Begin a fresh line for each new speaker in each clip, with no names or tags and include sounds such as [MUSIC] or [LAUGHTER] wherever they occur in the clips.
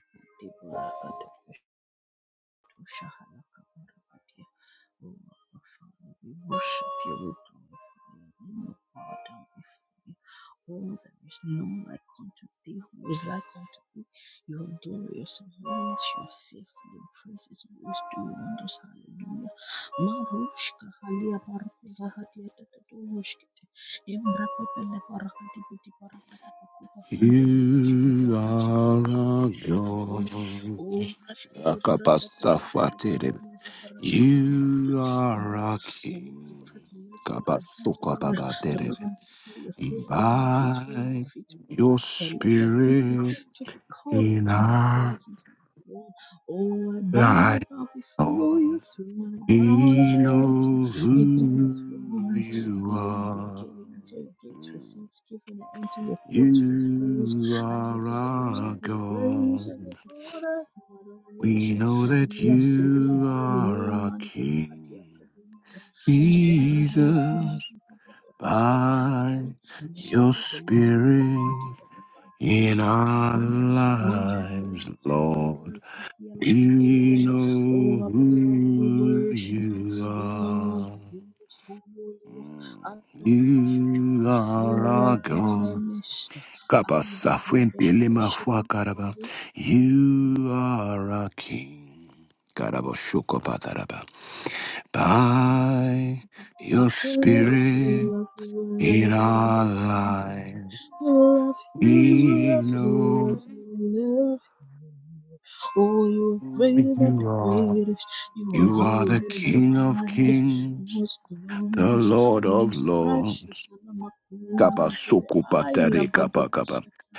Shahana Oh, Abba Father, we worship you, we glorify your name, O God, and we you. Oh, there is none like unto thee, who is like unto thee. You are glorious in holiness, you are faithful in praises, always do wonders, hallelujah. Marushka, halia barate, vahadia, tatadoshkete, embrakatele, barakati, piti, barakata, pakupa, hande, pele, barakata,
You are
pashkata, brakata,
a
pele
God.
Oh, shkete brada ta ta ta ta ta
Akapasafatere.
kadia da baraka dia malaka
You
da baraka
are
da.
a
Oh, what a
King.
privilege, what an honor to
Kapasukababatere.
come before your throne and bow before your
By
feet
your
and the
Spirit
to be called
in
into your
our
presence. Lord. Oh, I bow, I
life,
bow before your
Lord,
throne, I bow as
we
I enter
know
into the
who
throne, I
you
enter with
are.
giving, enter your gates with thanksgiving, I enter your courts with praise,
You
I give
are
thanks, I
our
give praise, I
God.
give honor, and
We
adoration.
know that
Blessed be your
you
holy
are
name,
our
Mandura
King,
Hadiakabu, Shkebrahenda
Jesus,
Kuradi Bababara,
by your
Shadi belebara katili
Spirit
jipa kapara katili
in
ada pala
our
kada. Mandu
lives,
brede ke
Lord.
kaya kisi
We
Oh,
know
Abba Father, we
who
worship you.
you
We honor
are.
you, most holy one.
You
You
are
are
our
welcome in our
God.
midst.
Kappa
Andi brede
Safwente
de de
Lema
shete
Fwa Karaba.
kabaru.
You are our King. Karabo Shoko by
I love
your
you,
spirit
love you, love
in
you,
our
love you,
life.
I love you,
We
love you, love
know
you. love you. Oh, you are
who
greater than the
you are.
greatest. You are
You are
higher
the
than the
King of
highest.
Kings,
Most
the
glorious,
Lord of
most
Lords.
precious.
Kapa
Alamakuri kede
soko
aila
patare kapa kapa.
badabashata.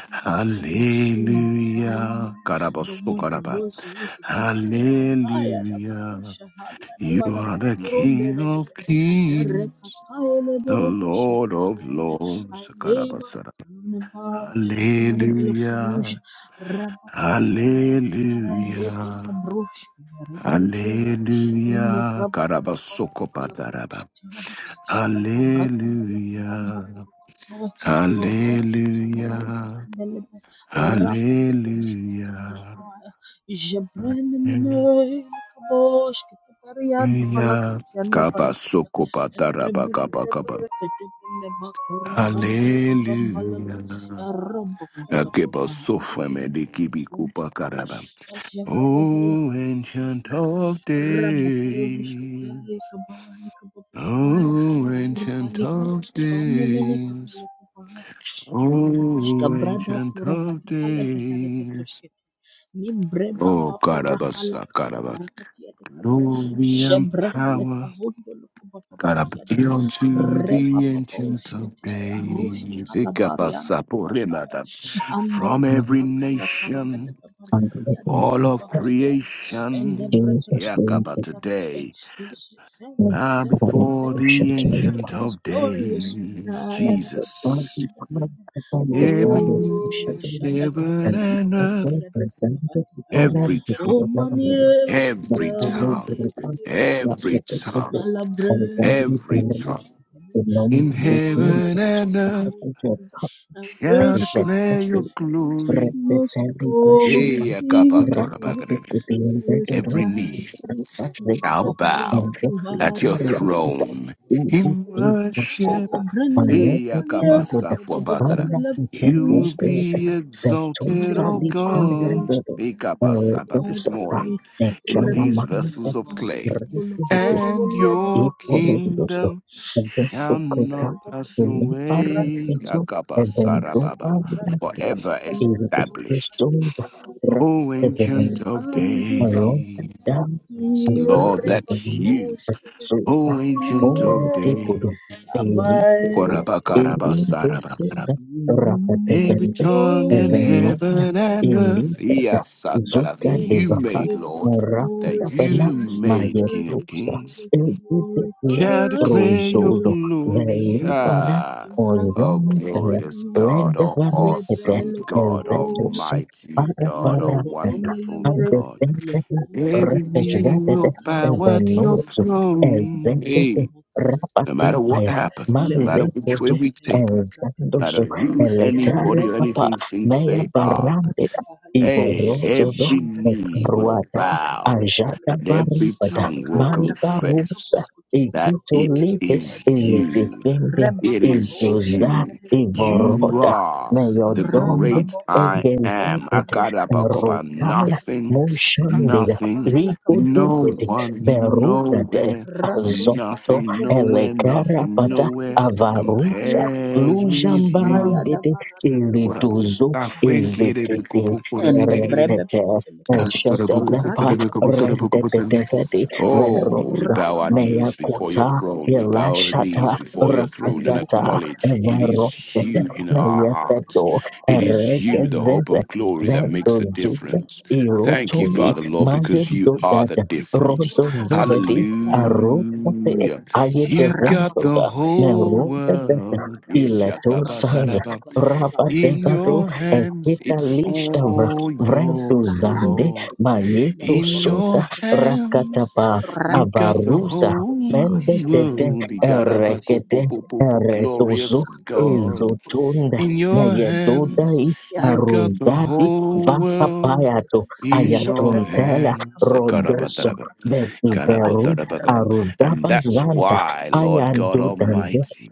Consuming
Hallelujah.
fire.
Karaba
The one who
sokaraba.
was, who is, and is to come. Higher than the
Hallelujah.
Kusha, higher than the
You are the King
Barakadi,
of Kings,
Erekakaele
the
boroboshe
Lord of
deberebede. I
Lords.
lay my crown about your feet,
Hallelujah.
Emelekumusha. Rababababambelekai.
Hallelujah.
Ilebroshe. Erebelebelebele. Ele-
Hallelujah. Karabasoko padaraba.
rababababababalaborakatai. Katabrata balakabambo
Hallelujah.
borokotwe. Irate
Hallelujah.
kabalakatandelebe. Rapa babushete
Hallelujah.
kabalakaya. Jebrene mene kabosh katabarianda
Hallelujah.
balakatianda balakada.
Kabasoko padaraba kaba
Ebrebebele
kaba.
bereketebele bakora hadia kabambalada.
Hallelujah.
Arabo
Akeba
kalakoma hadi
sofa
pilikiada
mediki
bombukude. Ashevevevele
Oh, ancient
bereketebele.
of
Rabba babushete
days.
kabaya kababaya.
Oh, ancient
Karubalika
of
rubane mene ketele
days.
kubaha shka
Oh,
brada
ancient
kura
of
hadi kale behare
days.
ketoshkete ni bre
Oh,
baba pura kala
Karabasa,
kava
Karabas.
harakati yade kama
Glory and
shebre hele
power.
kavundo lukuba papedi
Karab.
yada
Be unto
re
the
papa pa
ancient of
ushkete arushka
days.
hala barianda
Ikapasa,
bakata
Porimata.
Anda
From
And
every
braka kala karaka
nation,
teka baraka diada
all
doko
of
baha
that
diada. Ende
creation.
braka
Jesus
teka
will
bele
Yakaba
be
baraka de.
today.
We say thank
sent
you,
Bow
thank
for
you,
the
before
thank you,
worship
the
to
thank
me.
you.
ancient
This
of
glorious
days,
Raya
And
da
the
basha
Son
Jesus.
of God, upon the
Every
blood of the
Oh,
knee
shadow,
in
shada
heaven
kabada
and
and
baraka
earth,
also
diada doko
presented
baha
to God
every
and to
tongue,
Oh,
the
mani
Lord. That
every
I
diada
heard from
tongue,
the
baraka
Lord,
diada.
that
every
was the
tongue,
present. And is that
Malabrele
the
every
kabo.
tongue
the
I
number
in
of
bow,
the end?
I
heaven
bow
and
That was
earth
before
the Lord of the
you.
top.
I
And
shall
worship
the.
at
declare
your
your
that
feet.
glory.
most
Repeatedly brushed
holy
Hey,
down, Rafa
Lord,
took
Akapatorabagrin.
the
who is
embedded
Every
rope in
knee
like unto
Rafa's
thee.
shall
vehicle
bow
and the
at
fleeting
your
Maluku
reacted
throne
in the
in
in the
worship.
Sosa, alerted them to the
Iyakapasafuabatara.
parla behavior
You
closer
be
that
exalted,
Sosa
O
the parla
God,
brother, and
Ikapasaba, this
those of that
morning
And
in these vessels of clay,
Reteteli Bashata
and
Rakakukupindedoro Rakasveto Endopintariakuta Ibukinasuza Alepetendoda Parakupindiakusa Petosali Pariadodo Erodosata Echanamanga
your
Rakizzi Eporodoso
kingdom shall
Endopokota
not pass away,
Iliparatizo
Akapasarababa,
Eventopariakuta
forever
even if
established.
crystals are
O
Shut
Ancient
even
of
um,
around
Days,
and down,
DPPTPTPT,
I can't
Lord,
be the
that's
ripapapo,
one
you.
that
shkuzehele
shows
O
back
Ancient
kamiliye.
of
forward people
Days.
to alien people,
Amai.
Koraba
alien persons, rapper
Every
Mm,
dependent,
tongue in
even
Oh,
known
heaven
Shabbat
and earth.
elite,
Barakatan.
Yes, Satara,
Zuka
Lord,
de
you
let the
Bakat,
made,
weight of the
Lord,
glory
that
Morapita Bana,
cover
you
us.
made
Maya
Let
King of
the
Tuxa,
weight of
Kings,
the glory
Elgitia,
cover
shall
us. Let
declare your
the
Rosozo,
glory
glory.
cover us.
Velipara,
Ah,
In Bradi
oh,
Ozoni,
Kadi,
glorious God, oh,
Red
awesome
Alebele
God,
Kapo,
Execution.
almighty
Father,
in
God, oh,
Father, and
Brababam,
wonderful
Leverak,
the
God.
thing that
Levelekush,
Every knee
represented
Aliadabak,
will bow
the
at your
Ambraka
notes of
Gagalaka,
throne.
Ambraka
Hey.
executive
No
rapati
matter what
Tamaka,
fire.
happens, no matter which
Levranu
way
Mazepozo
we
shehele
take it,
kaprati
no matter
Ezandoso
kabababa.
who
Eletana
anybody or
Papa
anything thinks
Mea
they are,
Erretetetetetetetetetetete
Barandida
kufahalikiti.
Hey,
Ivorozo
every knee will
Ishembreketebelikete,
Ekruata
bow
Ajada
and
ishembreketebelikete.
every
Barubada
tongue will
Makaranda
Maiba
kabalaka
confess
Rusa
borokoto
that
koborokoto
Ikito
it
Lite
is
koshketebelikete.
you.
Iledekende
Remba
It is
paposh
Izuza
you.
kevehele kabaki
You
Ivoroda
arandapa.
are the
Ramba
great I
boshete leka
am.
Egezekete,
arika
Akadabakoba.
Rotaya,
toshketebelikete.
Nothing,
Mushandida,
Kakakura
nothing,
halaka brukutu
no
Rikudukete,
vehele
one,
kabotebete.
Berukade,
nowhere,
Ratushka
Azonto,
at
nothing,
the
nowhere,
Brakatek
nothing,
Elekarapata,
Helicopter
nowhere
Avarusa,
Alia da
compares with
papa
you.
Alia da
Lujambarangete,
Barada
What a.
Kabaruku
Irituzo,
Baraka
Ezekete,
and
Retete,
Oh,
brebebedebelekaba
Shetelepa, Redepetepete,
baratakabashatakabrakatabalakadi
we
Verosa,
bow our knees before your
Meyakuta,
throne. We bow the
rabababoshakatalikiadabarakadi
knees
Elashata,
before your throne and
Rapatata,
acknowledge it is
Verotete,
you
ebrekakandeleketearetekebebelekaba
in our hearts.
Meyepeto,
It is
abrakababa
you, the hope
Rekezeze
of glory, that makes the
zetozuze
difference.
erakatakabarakadiadadada
Thank you,
irotoli
Father, Lord, because you
librakotokobrakoto
are the
magedodada
difference.
hikakurahankaba
rodozevedi aropote
Hallelujah.
erebebebelekede
You got the
ayedeventoda
whole
merondedeta
world
rababababashakatakabrakatabalakoda
iletosanza
Yeshakabataraba.
eroshkatabalakada
in
rabadevado
your
ripa papa
hands.
papa
It's
pasha pete pete
ekekalishtavra
pete
all
pete
yours,
Karata
vredozande
Lord.
katikali ya
In
taborosh
mayetosota
your
kete pete parakete.
hands,
rakatapa
you
Rapa pa
got the
pa pa pa
avaruza
pa
whole
pa pa asha pa pa
mendedede
pete
world.
parakete asha
erekede
pete pete
Igarabakopopopopo,
pete pete.
eretozo
Glorious
Kakang kang
God.
kulo
In
korokotush
your
kete pete pete.
hands,
Nayedodai
Ya
you
rumpi
got the
Arudadi
bahana
whole
kafahara kete
world.
ada teka.
Vakapayato
In your
Jebra pete
Ayatuntela
pete
hands.
kaba
Rodoso
Garabataraba,
kakakala kaba.
Betiveru
garabatarabakaba.
Rapa pa pa
And that's
pete pete
Arudabazanta
why,
pete kaba.
Lord God
Rupa pa
Ayadudande
Almighty,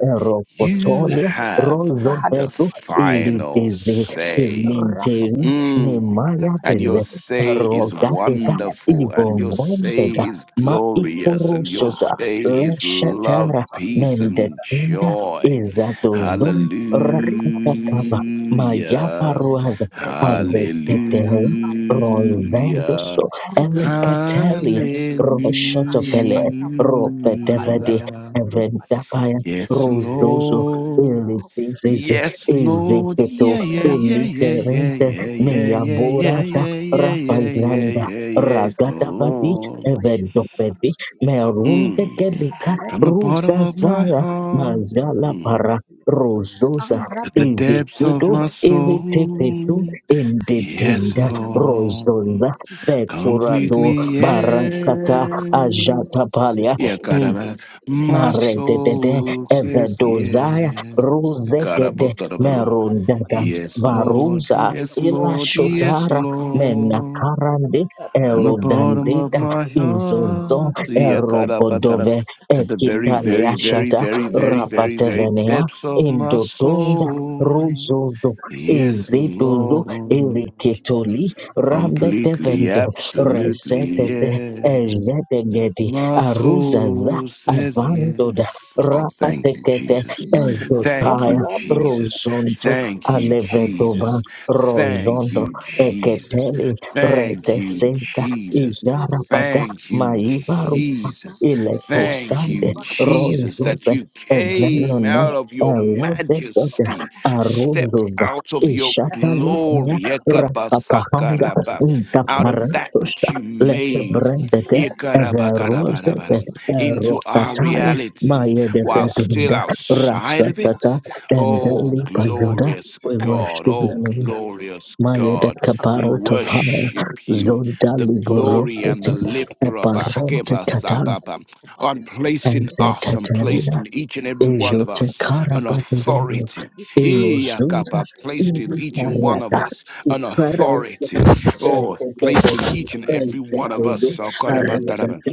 you
Eropotolia
have
Brekkatura
the
Rozobedu
hadakabashkata
final
Iritizde
brekadabanakati
say.
Ilinteri
rapaposhkete
Mm.
Nemaya
And your
Bele
arakatingidikidi
say is
barakada
Rogatega
wonderful, and your say
Ivonvandega
is
Ma
glorious, and
elebrepepedepedepedekebarakadibidibidikidiya
your
Ikorosota
say is love,
arakadakadakadabanakada
Leshatara
peace, and
arakadakadabanakada
Mendetunda
joy.
arakadakadakadabanakada
Izatozum
Ripa
Peter
Babu
Cava, Magyapa
Shibitaba,
Hallelujah.
Ruaza,
Embre Papapoya,
Avedete,
Hallelujah.
Rovendoso,
Aprocotanocorcodoya, Rukapapam the
Elekateli,
Pedipilicate, ash
Roshotopele, Ropetevede,
Ripapapushipitikapa, embrepapapapaya, aprokotolokorkodoya, rukapapapamdepedepelikite, ashkatabrakatafahaliada,
Hallelujah.
Eventapaya,
Yes,
Rozozo,
rupatakabalikipariskitepedeparakete,
Lord.
Elitizizi,
Yes, Lord.
arukatatatambelepedeparakete,
Iziketo,
Yeah, yeah, yeah, yeah, yeah,
Eliterente,
rapapapushipitikapa,
yeah, yeah, yeah, yeah,
Meyaborata,
yeah,
rukutufahalakatia,
yeah, yeah, yeah,
Rapazanda,
yeah,
arukatapadeparakata,
yes,
Ragatavadi,
Lord.
Eventopedi, Merunde
rapapapapashapataparakatialakaparakati,
Mm.
Kelika,
From the bottom of my
eretekepedepelekete,
Ruzazaya,
heart,
Mazala
mm,
Para,
arakatiparakatiandepelekete,
Rozosa,
ambra
to
pa
the
pa pa pa
depths
Ezekedo
of
ya
my
rupa pa pa pa mbe bele
iritepetu
bele
soul.
ka ba i
Yes,
indetinda
karata ka puru
Lord.
kutu
rozonda
i shekete bele
pekurado
kete
Completely,
arre te te te te
barakata
te te ni
yes.
bra
ajata
te te
palia
te te
Yeah, God,
Mm.
orre te te te te bele
my
kete i
Maredede
ka
soul
kwa ka ka la
says
ka da ba sha
ebedozaya
da ka bra ka
yes.
da ba
God,
ka
I
di
ruzegede
both
rupa pa pa
merundada
di pa pa
Yes,
rupa pa
Lord.
di
varuza
di pa
Yes,
pa pa
ila
la pa
Lord.
da
Yes,
arre
shotara
te te te te te
Lord.
te te
menakarande
e bra
From the
da ka pa
bottom
di
of
erodandeda
pa
my
sha ka da bele
izozo
kete
heart,
e
yeah,
bra
God,
ka ka ka
erobodove
ka ka
to the
i ka
very,
di
very,
di di di
very,
ekitaliashata
bele
very,
kete
very,
bebe
very, very
rapatevenea
depths of
bebe
my
indotunda
Ashaka
soul.
ruzuzu
Yes,
iziduzu
Lord.
irikitoli
Completely,
rambetevende
absolutely,
resetete
yeah.
ejedegedi
My
aruza
soul says yes.
avandoda
Oh, thank you,
rapatekete
Jesus.
Mana
Thank
berapa
you,
ezotaya
lama ramba
Jesus.
dapat
rozonto
Thank you,
isyata
alevedova
kebaraka
Jesus.
di bumi kita kita
Thank
rozondo
you,
rek kita
Jesus.
kita
eketeli
kita kita kalau
Thank
pun
you,
retesenta
sehari kita
Jesus.
dapat kita
ijarapada
berapa di
Thank
bumi
you,
kita kita
maivarupa
Jesus.
lamba kita dapat
Thank
kita
iletosande
you,
baraka di bumi
Jesus,
kapal
that
rozoze
you
kita berapa hari
came
kita
evelone
out
rek
of
kita
your
kita kita bumi kapal
elodedoda
majesty,
asyata berapa
stepped
aruzoza
out
kebaraka
of
di
your
rek kita
ishatalinya
glory,
beli kapal rokok di kita
rapapahanga
baraka
Ekabasakaraba,
dia
out
antum
of
kita
that
kita
ntaparatosa
which
kita
you
bumi kita
made.
berapa?
letebrendete
ya rek kita kita kita
everozete
Ikarabakarabarabara,
baraka dapat
into
kita
our
Rokataya,
baraka
reality
Maya de
while still
Vedunda,
outside of
Rasatata,
it. Oh,
Candeli Pazoda.
glorious
We
God.
worship the
Oh,
name,
glorious
Rakakakaya
Maya de
God. We
Caparo to Fire,
worship you,
Zonda
the glory and the
Liborokete,
lifter of our
Shapa
Eparonte Tata,
Padapaka de
kebasapapa. On
Kuparaka de
placed
and
in
Belekata,
us, and placed
Zetatania.
Brata
in
to
each and every
Shahadi
one of us
Kabakata,
an
Ejotekarabadevedo,
authority.
Kupalakadi, Aro
Erozuza,
Iyakapa,
Koposta
Placed in
Belekadi,
each and one
and
of
Ibariata,
us an
Iskarete,
authority. Oh, placed in
Erededede,
each and every one of
Ejetedo,
us. Oh, God, about that
Aradete,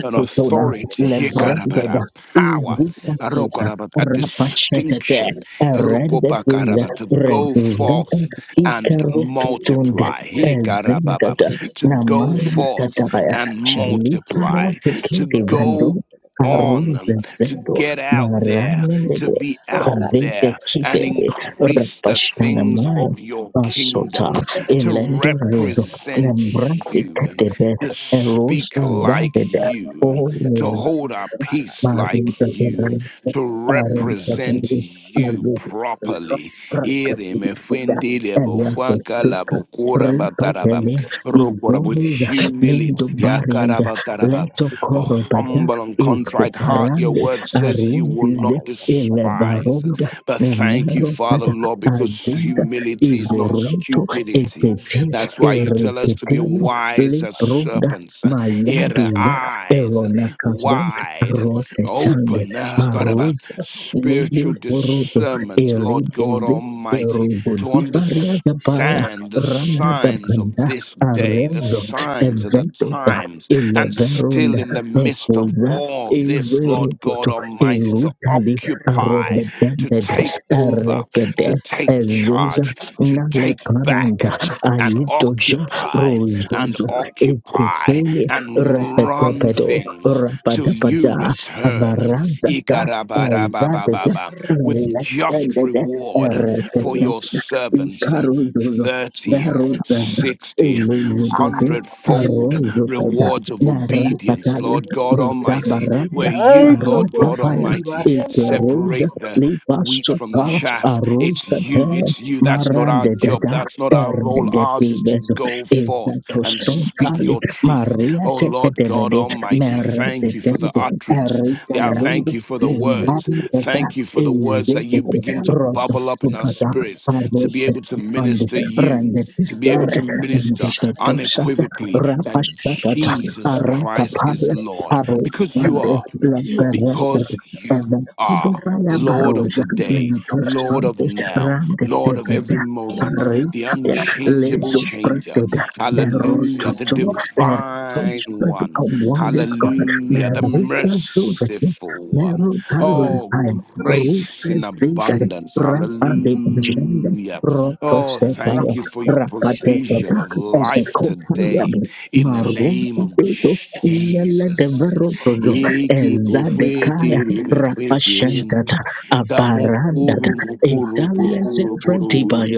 an authority, Hekarabara,
Lebrededa,
power,
Ijikateka,
Arokaraba, a
Rapashetete,
distinction,
Erededede,
Arokopakaraba, to go
Reduzeta,
forth and
Ikerototunda,
multiply,
the
Hekarababa,
Ezengata,
Shut
to go forth
Namanikatakaya,
and multiply,
Sheliparate
to
Kedivandu,
go on, to
Aruzezedo,
get out there,
Maranello
to be out
and Vite
there and
Kibele
increase the things
Rapashanamaya
of your
Asota
kingdom, to
Elenduruz
represent
Nembrati
you
Katebe
to speak
Erosa
like
Davida
you,
O
to hold our peace like
Marie
you,
Aaron
to
Aaron
represent
President,
you
Marie
properly. Ere me
President,
fende lebo
Elias
faka labo kora bataraba,
Ripatele
rokora With
izobuza mendo
humility, yakara
barianda
bataraba.
leto
a
korobada
humble and contrite heart, your
iskuparande
word says you will not
arundize
Rapa
despise.
elebaronda
But thank you,
nemero
Father,
tata
Lord, because
azinda
humility is not
igoroto
stupidity.
etete
That's why you tell us to be
ereketele
wise as
lebronda
serpents. uh, Ear,
mayaduza
eyes
erona kazan
wide
rotetande
open. uh, God, about
marosa lele
spiritual
Ashkata
koroto
brakata
discernment, Lord
balakata,
God
eredeze
Almighty, to
erugodu
understand understand the signs of
Ramadabanda
this day, the
Arozo
signs of the
Eventota
times, and still
Eleveronda
in the
rapa
midst of
Meposa
papa
all this, Lord God
Ezerutoto
Almighty, to
Erutali
occupy, to
Arobedembed
take over,
Erekede
to take
Ezuza
charge, to take back
Naleparanda
and
Ayetoja
occupy and
Rozozo
occupy
Epitele
and
papa
run
Repetepedo
things till you
Rapadabada
return
Avaranza Azadada
Ikarabarabababa, with just
Electrede
reward for
Erekede
your servants
Icarozozo
thirty,
Daruzada,
sixty,
Akata
Elizabeth,
kamosh kada
hundredfold
berada di
Arozada,
rewards of obedience
Naratakalia,
lord god almighty where
Decabaranda,
Ay,
you lord
Maronta
god
kapuska
Fire,
di
almighty
barriente.
Eteroda,
separate the wheat from the
Lipasota,
chaff. It's you.
Arosata,
It's you. That's not our
Maranda
job.
Dada,
That's not our role. Ours is to
Ergetives,
go forth and speak
Esatosotali,
your truth.
Maria
Oh Lord God
Tecatevede,
Almighty, thank
Merete,
you for the utterance.
Erika
Yeah,
Rapa
thank you
Lundus,
papa
for the
shaka the
words.
Lindana
balaka
Dada,
bokor
Thank you
kodo
for the
balaka
words that you
Ezekete,
begin to
Robert
bubble up in our spirits to
Supata,
be able to
and
minister you, to be able
Rendepistiag
to
and the
minister
Ketosas
unequivocally that
di
Rapasatata
Jesus
ende brede
Christ is
Arakapala
Lord
Paro
because you
and
are
Yakada,
because
Lamperet
you
and
Yakadibrakadabakada,
the
are
Vaya
Lord of
Baroja
Rakatakataka,
today, Lord of
Mentosantes
now,
Ratakabalakapurkutu,
Lord of every
Randeteveda
moment, the
Rikaya
Imbrakakakayada,
unchangeable
Lezo
changer.
Preteda
Eshketebrakatabilikapa,
Hallelujah, the
the
Yaratakaburkutu,
divine
Punch first
one.
Shketebelikade,
become one with God.
Hallelujah, the
Ratakatakatabelikade,
Merika Zovete
merciful one.
Ratakatakatabelikade,
Merotali
Oh,
Time Rufes
grace in
Rapapapatushibetebelikade,
Vision
abundance.
Rapa de
Hallelujah.
Roto
Oh, thank
Setaya
you
Rapa
for
apa
your
apa apa
provision
Rakateta
of
syafaqabaromandi
life
dan
Ezekopayab
today
berakatkan apa
in
apa
the
Maru
name of
syafaqabaladandi
Dudu
eh
Nele
Jesus.
Devarotozo
berakatkan
Iki pofwe
Ezadekaya
tiri
apa
me fwe
apa
kirim.
Rapashantata
syafaqabaladandi eh
Abarandata
Kamukuru
berakatkan
mukuru
apa
Italia
apa
pukuru
syafaqabaladandi
Zefreti
puru.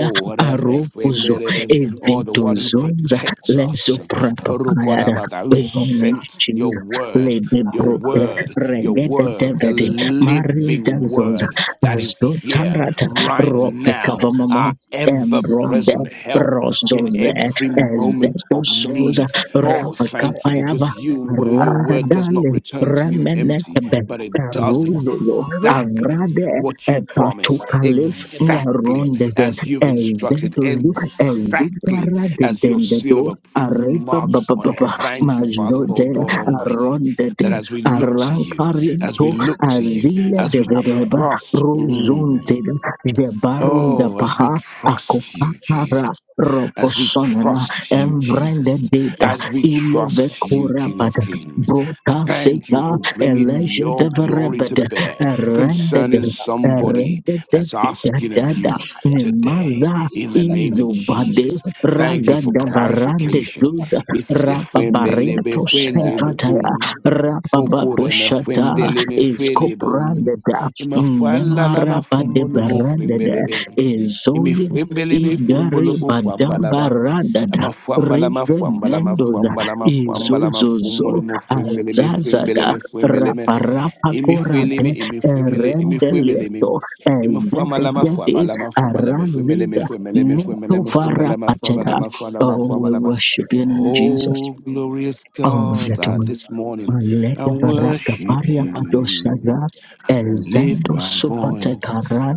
ah
what a mess. We
Arupuzu
made it. Oh, the one who
Eventozonza
protects us.
Lenso Prapayada
Rukorabata, Who
We only
apa
sent
yang
your
Jesus
kamu para
word,
Lady
kita
your
Brooke
ah apa
word,
yang
your
kita kita
Regete
word,
kamu
the
sih
Devede
kita ini
Marinda
living
Zoza
word
Imbraka
that is
kakada
here
Azotarata
karkutu
right
feheleke
rope
now,
beherekete
our
kavamama
keşekete lekete
ever
embronde
present
apambala
help
bade
in
rozoze
barakata
every
Rakata
moment
kada
of
kabaraka
ezetusoza
need.
dibilebede
Oh, thank you,
repete
rapakapayava
because you
belebede
your
runda
word
rakata
does not
dale
return
dibilebede
to you empty,
remenekebe
ikapaya
but
kada
it does
belebede
karuzoyo
aro
exactly
avrade
what you promised,
epatukale
exactly
nerondeze
as you've instructed,
ezetuzu
exactly as your seal
ezikaradedendado
of approval
arepa
marks on
bababa
it. Thank you, Father,
majode
Lord God Almighty,
arondede
that as we look to you, as
arankarioto
we look to you,
azile
as
de
we
vedeba
trust, mm,
Ruzunted the Barun da
oh, as we
Baha
trust you, Jesus
Akopara
Thank you.
as we
Apa
Roposonana
trust you,
Emrende
Jesus,
Deda
as we trust you, King of
Ilevekurabada
Kings.
Brota
Thank you
Sega
for bringing
Elijah de
your glory to
Verebeda
bear
Erended
concerning somebody
Erended
that's asking of
Dada
you today
Nemaza
in the
kata
name of
Izubade
Jesus. Thank you for
Ragada Varande
clarification.
Zuza
It's a fuemelebe
Rababarento Sankataya
fuendelebum. Okure me
Rabababushata
fuendele me
is
fuelebum.
cobranded
Ima fualala ma
Nemaraba de
fumulemo
Barada
fuembelebem
Ezoli
imifumbele befumbolo
Igari
Arata
bufwambalaba
kabar
Badambarada
kita
amafwambala mafwambala
Revemendoza
mafwambala mafwambala mafumbolo
Izuzuzo
mufumbele mefumbele
Azazada
mefumbele me
Raparapakorade
imifueleme imifuemele
Rendelirto
imafwamala
Ezekiade
mafwamala mafumala mefumbele
Araziza
mefumbele mefumbele mafumala mafwamala
Mitofarapacheda.
mafwala
Oh, we
mafwamala ma
worship you, name, Jesus.
Oh, glorious God, I
Oh,
this morning I
Malete baraka
worship
paria padosaza
you. I lift
elzendo
my
supate
voice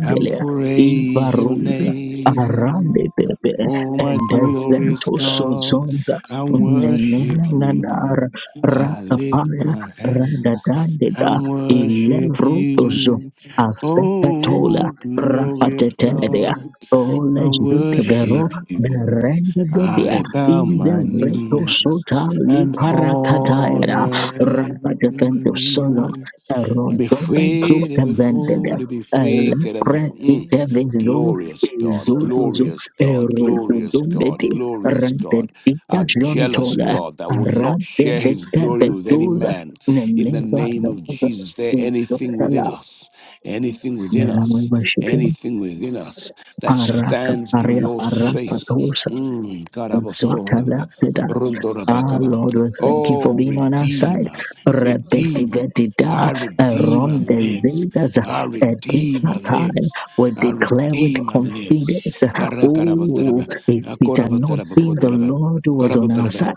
and
bisa
praise your
hidup
ivaruza
kita
name.
arande
mendatangi
bebe
Oh,
pusaka
my
kepala kado
glorious
endezento
rata
God,
kata
sozonza
kepala
I
kado disorot ke
nenena
worship
arah
nanara
you.
rata
I
kata kepala
raka
lift
kado
paria
my
disorot ke
hands
arah rata kata
radadandeda
kepala
and
kado
worship
disorot ke arah rata kata kepala kado disorot ke arah
ilevrutozo
rata kata kepala kado disorot ke arah rata kata
you.
kepala kado disorot ke arah rata
asepetola
Oh,
kata kepala kado disorot ke arah rata kata kepala kado disorot
glorious
rapateteria
God, I
olejvite
ke arah rata kata kepala kado disorot ke arah
vero
worship you.
berende bebia
I bow my
izevreto
knees
sota
and
liparakataera
honor
Rapa defendo solo,
you. Be
rondo
free,
benzo
to be free,
cavendede,
to be free, get them off.
lepre
rata
Mm.
kata
itevizu,
Glorious
kepala
God,
Rata
izuduzu,
glorious God, glorious God,
erododumbedi,
glorious God, a
rantedita
jealous
jontola,
God that will not
arante
share
de
his glory with any
cavetuza,
man. In the
nemeza
name of
lepre,
Jesus, there anything
Tala,
within us, anything within
Mama
us,
Worshipin,
anything within us that
Araka
stands in
Paria
your
Arapa
space.
Tosa,
Mm. God, I was sorry.
Exotala, Ah,
Rundorabakaba.
Lord, we thank you for
Oh,
being on our side.
Redeemer, Redeemer.
Repetivetida,
Our Redeemer
around
lives.
diseases,
Our Redeemer
time.
lives.
We
Our
declare with
Redeemer lives.
confidence, oh,
Arakarabataraba,
if it had not been the
akorabatarabakobataraba,
Lord who was on our
korabataraba,
side.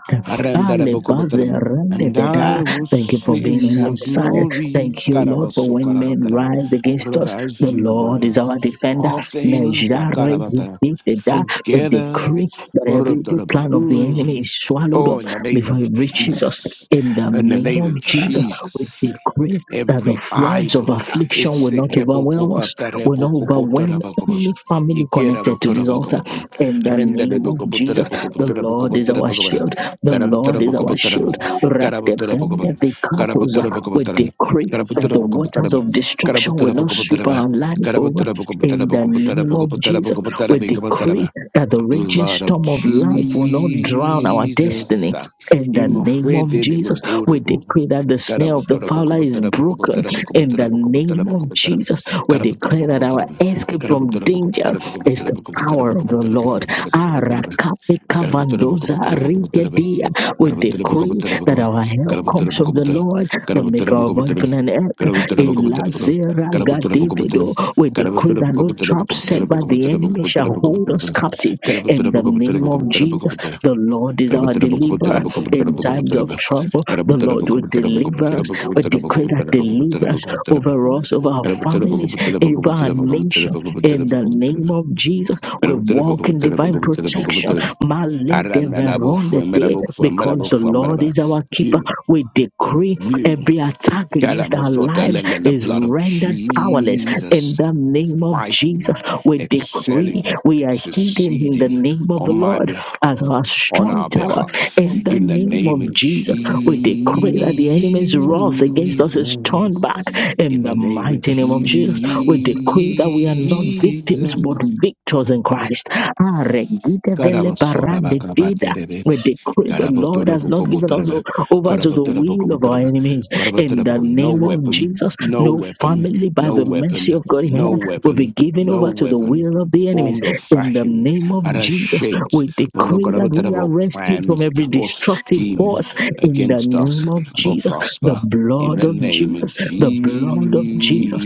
Ah,
arandarabakobataraba. And I
lebazerendededa.
will
Thank you for being
sing
on
your
Rapa
our side.
glory.
Thank you, Lord, for when men
Karabasokarabataram.
rise against us,
Roga, As
the
you
Lord
work,
is our defender.
all things are
Mejare,
karabata,
We
together.
decree that every evil
Orotorobok.
plan of the enemy
Mm.
is swallowed up
Oh, in the name
before
of
you reach Jesus.
Jesus.
In the
In the
name
name
of
of
Jesus, we
Jesus.
decree that the
Every
floods of
idol
affliction
it's
will
a
not
kepo
overwhelm
ikera,
us,
is
will not overwhelm
sekepokopatarepokopotarabakoba.
any family connected to this altar.
Ikerabotorabakobota.
In the name of Jesus, the Lord is our
Renderebokopotarabokopotarabokopotarabokoba.
shield. The Lord is our
Karabotarabokopotaram.
shield.
Karabotarabokobon.
Ratependevekatoza. We
Karabotarabokobotararam.
decree that the waters
Karabotarabokobotararam.
of destruction will not sweep
Karabotarabokopotaraba.
our life over. In the name of Jesus, we
Karabotarabokopotarabokopotarabokopotarabokopotarabikopotaraba.
decree that the
The
raging
blood of
storm of life will not drown our destiny
Jesus.
in the name of
Imofrente de
Jesus, we decree that the snare of the fowler is broken. In the name of Jesus, we declare that our escape from danger is the power of the Lord. Arakape kavandoza arigedia. We
Thank you.
decree that our help comes from the Lord, the maker of heaven and earth. Elazera gadevedo. We decree that no trap set by the enemy shall hold us captive. In the name of Jesus, the Lord is
You,
our deliverer in times of trouble. The Lord will deliver us. We decree that deliverance over us, over our families, over our nation. In the name of Jesus, we walk in divine protection. Male de veronde de, Because the
Thank
Lord is our keeper, we
you.
decree
you,
every attack against our
Kalamosota,
lives
let let the
is
blood of
rendered powerless. In
Jesus
the name of
fighting,
Jesus, we decree
excelling,
we are hidden in the
succeeding
name of the
on my
Lord
behalf
as our
on
strong
our
tower
behalf.
in the
In the
name
name
of
of Jesus.
Jesus, we decree that the enemy's wrath against us is turned back. In
In
the
the name
mighty name of Jesus, we decree that we are not victims but victors in Christ. Ah, regite vele
of
barande dida.
Jesus.
We decree the Lord has not given us o-
Karabotorobokobotoroba,
over to the will of our
karabotorobokobotoroba,
enemies. In the
karabotoroboko. No
name of
weapon,
Jesus,
no
no
weapon,
family by
no
the
weapon,
mercy of God
no
here will be
weapon,
given
no
over to the
weapon
will of the enemies
formed or
in the
fashioned
name of
and of
Jesus,
shaped
we decree that we are
rokarabotoroboko
rescued from
plans
every
or
destructive
scheme
force. In the
against us
name of
or
Jesus, the
prosper in
blood
the
of
name of
Jesus, the
Jesus.
blood of Jesus.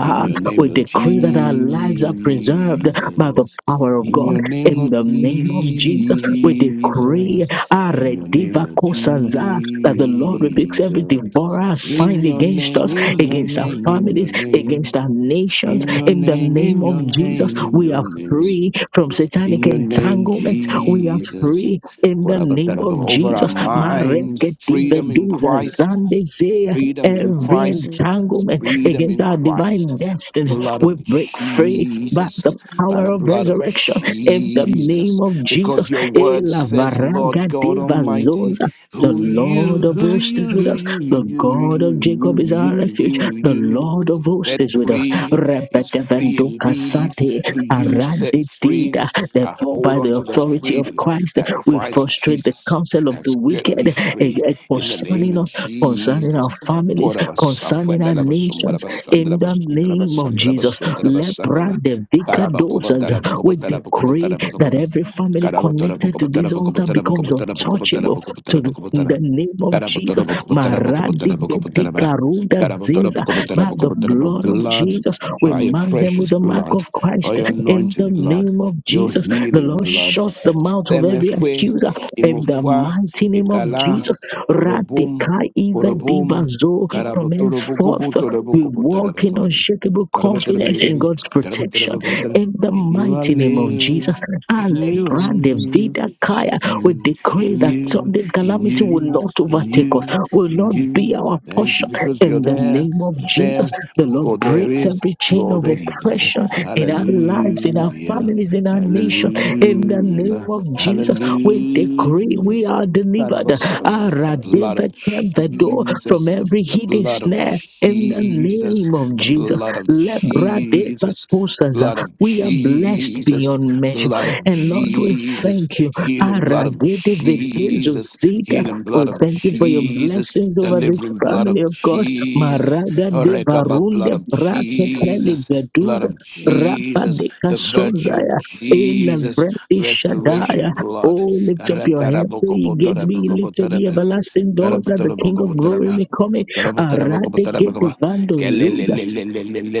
In your name
We
of
decree that our
Jesus.
lives are preserved by the power of
In
God.
your name,
In
Lord
the name of Jesus, we decree
Jesus. In your name, Lord
Aredivakosaza, that the Lord rebukes every devourer
Jesus. In
assigned
your
against
name,
us,
in
Jesus,
your
all
against our
name, in your
families, against
name.
our nations
In your
in the
name, in
name of
your
Jesus,
name, in
we
your
are
name.
free from satanic
In your name,
entanglements. We are
Jesus.
free in the name of
Over our
Jesus.
minds, freedom in
Mareketiveduza
Christ,
zandezea.
freedom in
Every
Christ,
entanglement
freedom
against
in
our
Christ.
divine destiny,
Blood
we
of
break free by the
Jesus, by
power
the
of
blood of
resurrection in the name
Jesus,
of Jesus.
because your word says, Lord God Almighty,
Elavaragadivazdoza. The
who
Lord
you,
of
who
hosts is
you,
with
who
us.
you, who
The
you, who
God of Jacob is
you,
our
who
refuge.
you, who
The
you,
Lord of hosts
set
is with us.
free is free
Rebedevendu
indeed,
kasate
who you set
arabidida.
free. I
Therefore,
hold
by
on
the
to the
authority of
freedom
Christ,
that
we
Christ
frustrate the
Jesus
counsel of the
has set me
wicked eh,
free
eh,
in the name
concerning
of
us, concerning
Jesus.
our families, concerning our nations. In the name of Jesus, lepra
Korabasafwendelabasumbarabasandalabasumbarabasandalabasumbarabasandalaba.
de vica dosas, we decree that every
Karabakobatarabakobatarabakobatarabakobat-
family connected to this altar becomes untouchable to the, in
Karabatarabakobatarabakobatarabakobatarabakobatarabakobatara.
the name of Jesus. Maradi
Karabatarabakobatarabakobatarabakobatarabakobataraba.
gedika ruda ziza by the
Karabatarabakobatarabakobatarabakobatarabakobataraba.
blood of
Blood,
Jesus. We
by your
mark them with
precious
the mark
blood,
of
by
Christ
your
in the
anointed blood
name of
your
Jesus. The
healing
Lord
blood.
shuts the mouth of every
Semefwe,
accuser in the
Imofwa,
mighty name of
Ekala,
Jesus.
Orobum,
Radikai Eva
Orobum,
Divazo from henceforth we walk in
Karabotorobokobotorobokobotarabakarabam,
unshakable confidence in
Karabatarabarim,
God's protection
Karabatarabakobotara.
in the
In you I
mighty name of Jesus.
live, in you I
Alebrande
move,
Vida
in
Kaya. We
you,
decree
in
that
you,
sudden
in
calamity will
you,
not
in
overtake us,
you,
will
in
not be
you.
our
Thank you
portion
because you're
in the
there,
name of
you're
Jesus.
there,
The Lord
for there
breaks
is,
every
you're
chain of
already there.
oppression in our lives, in our
Hallelujah.
families, in our nation. In the name
Hallelujah.
of Jesus, we decree
Hallelujah.
we are
God, I have
delivered.
a son. The
Ara
blood of
David, kept the door from
Jesus,
every
the
hidden
blood of
snare. In the
Jesus,
name of
the
Jesus,
blood of
Lebra Deva
Jesus,
Tosaza,
blood of
we are blessed
Jesus,
beyond measure.
blood of
And Lord, we
Jesus,
thank you.
healing blood
Ara
of
Gede
Jesus,
Zita,
healing
we
blood of
thank you for your
Jesus,
blessings over this
delivering blood
family
of
of God.
Jesus,
Maraga de
Rekaba
varunde
blood of
braketeli
Jesus, blood
veduza
of
rapa
Jesus,
de
the virtue of
casozaya in
Jesus,
the
restoration
Shadaya.
blood.
Oh, lift up your head. He gates be lifted the everlasting doors that the King of Glory may come in.
Karapatarabakapataraba.
Arade get the
Karapatarabakapatarabakaba.
vandos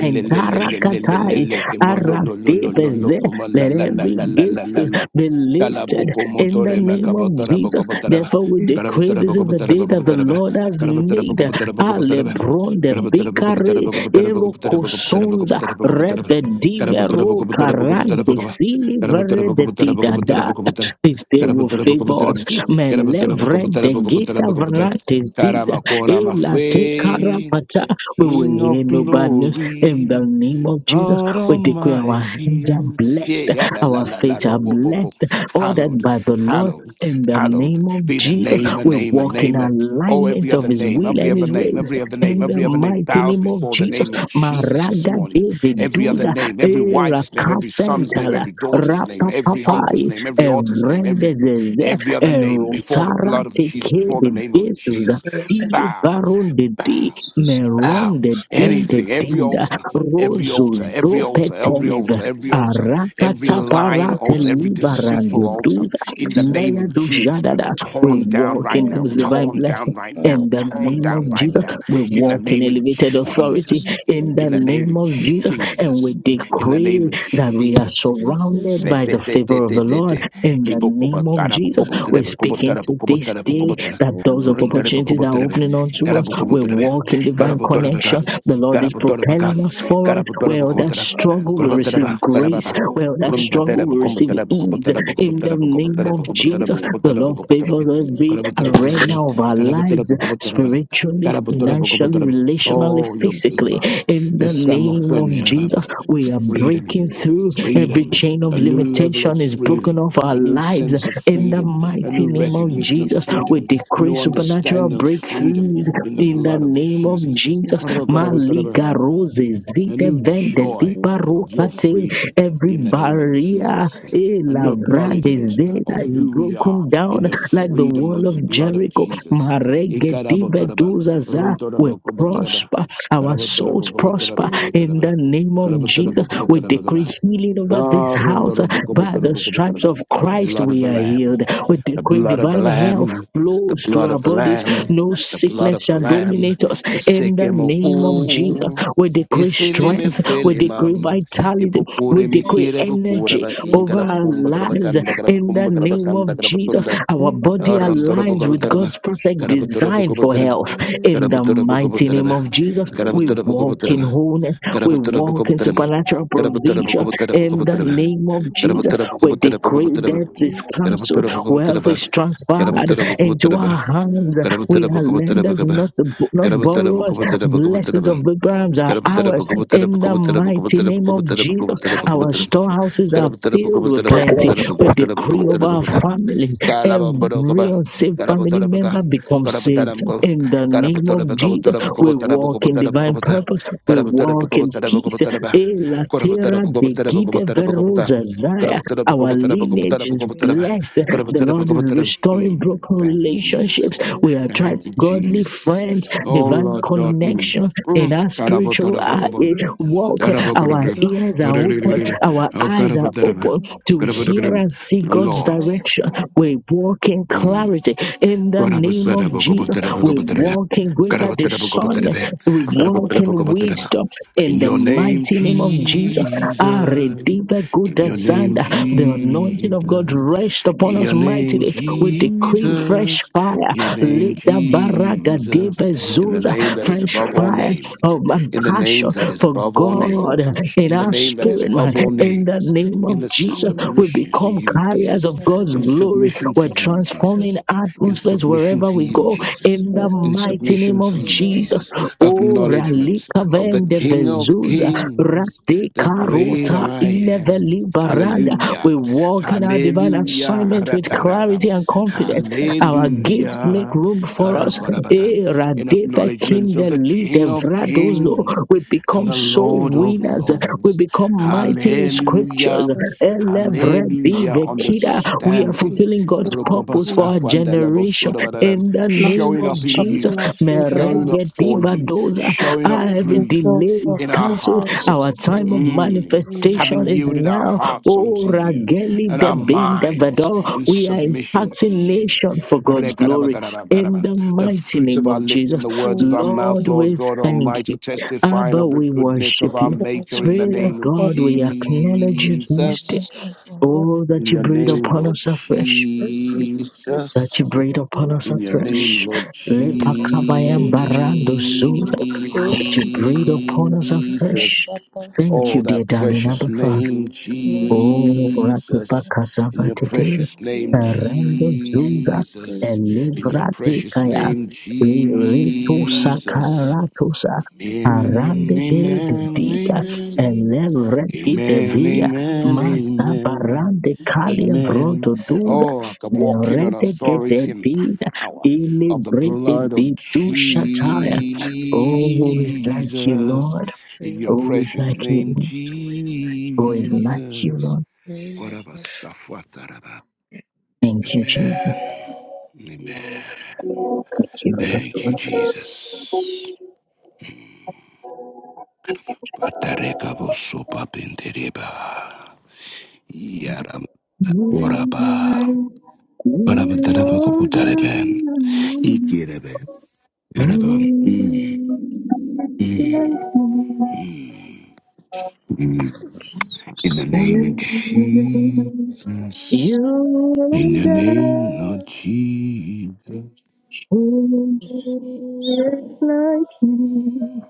Entarakatai
Kimololololololo.
Arabiveze. Let every gift
Komalalalalalalala.
be lifted in the
Kalapopomotore
name of Jesus.
makapatarabakapataraba.
Therefore, we decree this is the day that the
Karapatarabakapatarabakapataraba.
Lord has made.
Karapatarabakapatarabakapataraba.
Alebron de Bicare Erocosonza
Karapatarabakapatarabakapatarabakapatarabakapatarabakapatarabakapataraba.
Repedivero Carante
Karapatarabakapatarabakapatarabakaba.
Sili Vere de Tidada. This day will favor
Karapatarabakapatarabakapatarabakaba.
us. Melevren de Gita Vrate Ziza
Karama Korama
Elate
Faith,
Carapata. We will
King
hear
of
no bad news in
Glory.
the name of Jesus,
God
we declare our hands are
Almighty. Yeah,
blessed,
yeah, la, la,
our
la, la,
feet are
bo, bo, bo, bo.
blessed, ordered
Hallowed,
by the Lord.
hallowed,
In the
hallowed
name of
be the
Jesus,
name, a
we
name, a
walk in
name. a- Oh,
alignment
every
of
other
His
name,
will
every
and
other
His
name,
ways.
every other name,
In the
every other name
mighty
bows
name of
before the
Jesus,
name of Jesus this
Maraga
morning. Every other
Daviduza,
name, every wife's name, every son's name,
Erakasentala,
every daughter's name, every uncle's
Rapapapai,
name, every author's name, every
Evrendezeze,
every other name before the
Erotara
blood of Jesus,
Teke
before the
de
name of
Bezuza.
Jesus.
Ili
Bow,
varun de di,
bow.
meron de din
Anything, every
de
altar, every
Rozo
altar, every altar, every
zopeteleve.
altar, every altar, every
Arakata
lying
parate
altar, every deceitful
livarande
altar,
duza.
in the name
Maya
of
do
Jesus, be
jadada. We
torn down
walk
right
in
now,
God's
who
divine
torn
blessing.
down right
are
In
now,
the
in
torn
the
name
down
of
life of
right
Jesus,
now,
the
we
in the
Son,
walk in
name of
elevated
the
authority.
Jesus,
In the
in the name
name
of
of Jesus, and we
Jesus, in the name
decree
of
that we are
Jesus.
surrounded
Se-
by
te-
the
te- te-
favor of
te-
the
te-
Lord.
te.
In the
Ibo- kobo-
Lord,
name of
Jesus,
tarabo-
Jesus,
kobo-
we
terebe- kobo-
speak into
tarabo- kobo-
is
this
tarabo-
really
day
kobo- tara-
that
all
doors
the
of
rundarebe-
opportunities
kobo-
are
terebe-
opening
request
unto
of
us.
tarabo- kobo-
We
all
terebe.
the
walk in divine
people
connection
Garabotorabaka,
the Lord is
Garabotorabaka,
propelling us forward. Where that
Garabotorabakobotara,
that
struggle, we
Gorabotara,
receive grace.
Barababa,
Where that
all the
struggle,
Rumbatera,
we receive
Bokombotara,
workers of
ease.
Bokobotara,
the
In
Lord,
the
Bokobotara,
name
Bokobotara,
of
the
Bokobotara,
Jesus,
glory of
the
Bokobotara,
Lord
God is
Bokobotara,
favors
truly
every
upon
Gorabotara,
us.
arena of our
Garabotara,
lives,
Bokobotara,
spiritually,
Garabotora,
financially,
Bokobotara.
relationally,
Oh, your
The
physically.
blood.
Lord,
In the
Let's some
the
name of
God
friendly
of all
Jesus,
the
we are
freedom,
breaking
people,
through. Every
freedom,
has
chain of
been
a new level of
limitation is
healed.
broken
freedom,
off our
a new
lives.
sense of
In the
Every
freedom, a
mighty
new
name of
limitation
recognition
is
of
Jesus, we
freedom,
lifted.
a
decree
new
supernatural
His
understanding of freedom
breakthroughs
crown
in the
is
in the
blood of
name of
Jesus.
Jesus.
in
A
the middle.
Malika Rose, Zite
new
Vente,
joy
Dipa
of your
Rokate,
freedom
every
in the name of
barrier
Jesus.
eh,
A new
Lavrande,
acknowledgement
Zeta
of
is
who we are
broken
in
down
the
of
like the
freedom
wall
of the
of
blood of
Jericho.
Jesus. The
Maregedeveduzaza. We prosper, our souls prosper
Every
in the name
Thank
of Jesus. We
you.
decree healing over this house uh, by the stripes of Christ.
blood of
We
the
are
Lamb.
healed. We
The
decree
blood of the
divine health
Lamb, the
flows through
blood
our
of the
bodies.
Lamb,
No
the blood
sickness
of the
shall
Lamb.
dominate us in the name of Jesus.
Sekemoku,
We decree
Isilime
strength. We decree
Fuelimam,
vitality. We
Ipokure
decree
Mikire Bukura
energy over
Bakinga
our
Bukumba
lives
Grabakanda
in the
Grabakumba
name
Grabakanda
of Jesus.
Grabakunda,
Our body
Arantora
aligns with
Bugabatarama,
God's perfect
Karabatura
design for
Bugabatarama,
health. In the
Karabatura
mighty name
Bugabatarama,
of Jesus, we
Karabatura
walk in
Bugabatarama,
wholeness, we
Karabatura
walk in
Bugabatarama,
supernatural
Karabatura
provision, in the
Bugabatarama,
name of Jesus,
Karamuttala
we
Mukumuttala
decree
Mukumuttala
is is
Karamuttala
cancelled,
Mukumuttala
wealth is transferred
Karamuttala
into
Mukumuttala
our hands. We
Karamuttala
are
Mukumuttala
lenders, not, not
Karamuttala
borrowers.
Mukumuttala
Blessings of Abraham are
Karamuttala
ours.
Mukumuttala
In the
Karamuttala
mighty
Mukumuttala
name of
Karamuttala
Jesus, our storehouses are filled with
Mukumuttala
plenty. We
Karamuttala
decree over our
Mukumuttala
families.
Kalabam
Every
Borokoba,
unsaved family
Karabotora
member becomes saved.
Karabotorabaka,
In the name of
Karabotaramko,
Jesus, we walk in divine
Karabotorabakobotorabokobotorabokobotorabokobotor,
purpose. We walk in peace.
Karabotorabokobotorabokobotoraba,
E latera begide
Karabotorabokobotorabokobotorabokobotor,
verosa zaya. Our lineage is
We
Karabotorabokobotorabokobotorabokobotoraba,
blessed. The
have
Lord is
Karabotorabokobotoram-
And
restoring
Mm,
broken
Thank you, Jesus.
relationships. We attract
Thank you,
godly
Jesus.
friends,
Oh,
I
divine
Lord God.
got
Mm.
connections in
Mm.
our spiritual uh, eh,
Karabotorabokobon,
three
walk.
customers
Our
Karabokorokoro,
left
ears
over.
are
And
open,
Korokoro,
our
Oh,
Jesus,
eyes are
Karabotoraba,
open
I'll
to hear
Karabokorokoro.
and see
Oh,
of
God's
Lord.
direction.
of
We walk in
Mm.
clarity in the
In
name of Jesus. We walk in greater discernment. We walk in wisdom in the
your name,
mighty name of Jesus.
Jesus.
Our Redeemer, good
In your name,
Zanda, the anointing of God
Jesus.
rest upon
In
us
your name,
mightily. We decree fresh
Jesus.
fire.
In your name,
Let the baraga
Jesus.
deva
In the
zuza,
name that is
fresh
above all
fire
names.
of um,
In the name
passion
that is
for
above all names
God
different
in
in the
our
name that is
spirit, man.
above all
In the
names,
name of
in the
Jesus,
love
we
submission to
become
you,
carriers
Jesus,
of God's
in
It
glory.
submission
We're
to you,
transforming
Jesus, in
atmospheres
submission
wherever
to
we
you,
go.
Jesus,
In the
in
mighty name
submission to
of
you,
Jesus.
Jesus,
Oh,
acknowledgement
Ralika
of the
Vende
King of
Vezuza,
Kings,
Rade
the great
Karota
I am.
Ileveli Baranda.
Hallelujah.
We walk in our divine
Hallelujah.
assignment with
Araparapa.
clarity and confidence. Our gifts make
Hallelujah.
room for us.
Araparapa. In
Kadeva
acknowledgement of the
Kindeli
King of
Devrados, Lord.
Kings,
We
and
become
the
soul
Lord of
winners. We
Lords.
become
has
mighty in
a lot
Hallelujah.
scriptures. Elevredi
Hallelujah.
of
Vekida.
different
We are
factors
Understanding.
fulfilling
to it. And I've put to people
God's purpose
who
for our
want to
generation
Rupapasafandalebosodabadadan.
in the name
Nothing
Showing
is
of
up in
Jesus.
stopping
you,
us in the
showing
Lord.
up for
The
you,
Meregedivadoza.
showing
Ah,
up through
Every
the
you
glory
delay is
in
of
our
cancelled.
God
hearts.
is
Our
in
time of
Mm.
you.
Having
manifestation is
yielded our
now.
hearts
Oh,
unto you
Rageli
and our
Debin
minds
Devado.
in
We are
submission to
impacting
you
nation for God's glory. In the
the
mighty
fruits
name
of our
of
lips and
Jesus,
the words of our mouth,
Lord,
The
Lord
we
God
thank you.
Almighty, testifying
Abba,
of the
we
goodness of
worship
our
you.
Maker
attitude
in the
Spirit
of
of
name of
God
God,
is
we acknowledge you this day.
something of a
Jesus.
hope.
Oh,
In
that you
your
breathe
name,
upon
Lord
us afresh.
Thank you, Jesus.
That you
Jesus.
for the
breathe upon
glory
us
In your
that
name,
afresh.
Lord
Lepakavayam
you
barando suza.
give us.
That you breathe upon us
You are
afresh.
Jesus.
the person
Thank
Oh,
you, dear
that
darling
precious
Abba Father.
name,
who knows.
O Rakipa
Jesus. In your
Kasavatiti,
the
precious name,
key.
Rando Zuza,
Thank
Jesus.
you.
In your
Lord.
Elivrati
precious
Kaya,
name,
Ilitu
Jesus.
Sakaratusa,
Amen,
Arande de
amen,
Dida,
amen.
Elevreki
Amen,
Devia,
amen,
Is
amen,
Mazabarande Kalia
amen.
Vroto Duza,
Oh, I could walk in on
Rede Gede
authority and
Dida,
power of the
Ilivriti
blood of
Didu
great and
Shataya. Oh, who is like you,
Jesus.
Lord?
In your
Who is
precious
like
there
name,
you? Who is like you, Lord?
Jesus.
is a day
Whatever,
of
Safwataraba.
Thank you, Jesus.
Amen, amen.
Thank you.
Thank you, Jesus. Patarekabo sopa pentereba. Yaram. Waraba.
You are
Barabadarabakobudarebe.
God,
Ikirebe.
who
Yaraba. Mm,
is
mm, mm, mm. In
us.
the name of Jesus. In the name of Jesus.
Thank
like you,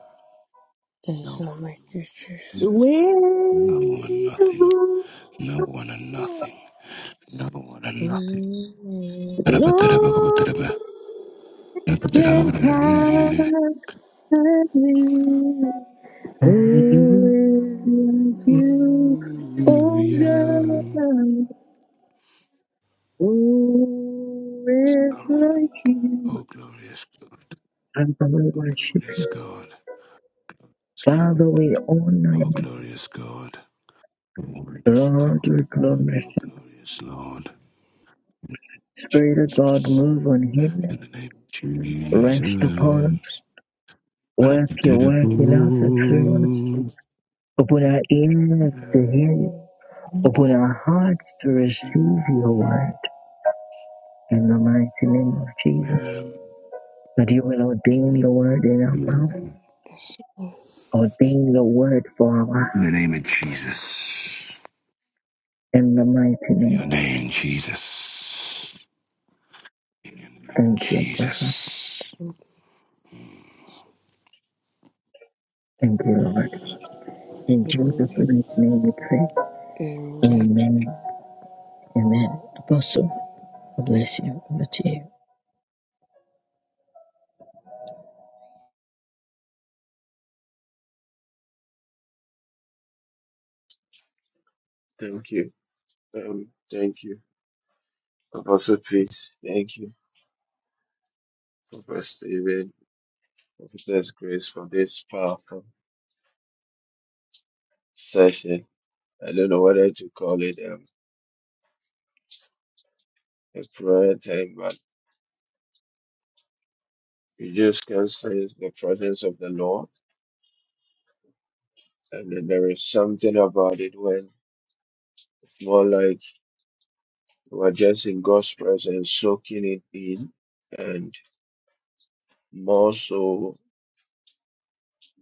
you. Lord. Yes, yes, yes,
No one.
yes, yes,
the
yes.
No one,
weight of
nothing.
all,
No one and nothing. No one
In
and nothing.
the mighty Jesus.
no
Barabadarabakobudarebe.
one can
Barabadarabakobudarebe.
carry. Who is like you, oh
Hallelujah.
God? Who is
Lord.
like you?
Oh, glorious God.
Father, we
Oh,
worship
glorious
you.
God. Yes,
Father, we honor
Oh,
you.
glorious God. Wonderful
Lord, we
God.
glorify.
Oh,
you.
glorious Lord.
Spirit of God,
Jesus.
move on him.
In the name of
Rest upon us.
Jesus. Right up
Work your
into the
work in us and through us.
booth.
Open our ears to hear
Amen.
you. Open our hearts to receive your
Amen.
word. In the mighty name of Jesus. But you will ordain your word in our mouth,
Amen.
Yes.
ordain your word for
In the
our
name of
hearts.
Jesus.
In the mighty
In
name
your
of
name,
Jesus.
Jesus. In your name,
Thank you, Father.
Jesus.
Thank you, Lord. In Jesus'
Amen.
mighty name we pray.
Amen
Amen. Amen. Apostle, God bless you. Over to you.
Thank you. Um, thank you. Apostle Peace, thank you for First David, Prophetess Grace for this powerful session. I don't know whether to call it um, a prayer time, but you just can sense the presence of the Lord. And then there is something about it when it's more like you are just in God's presence, soaking it in, and more so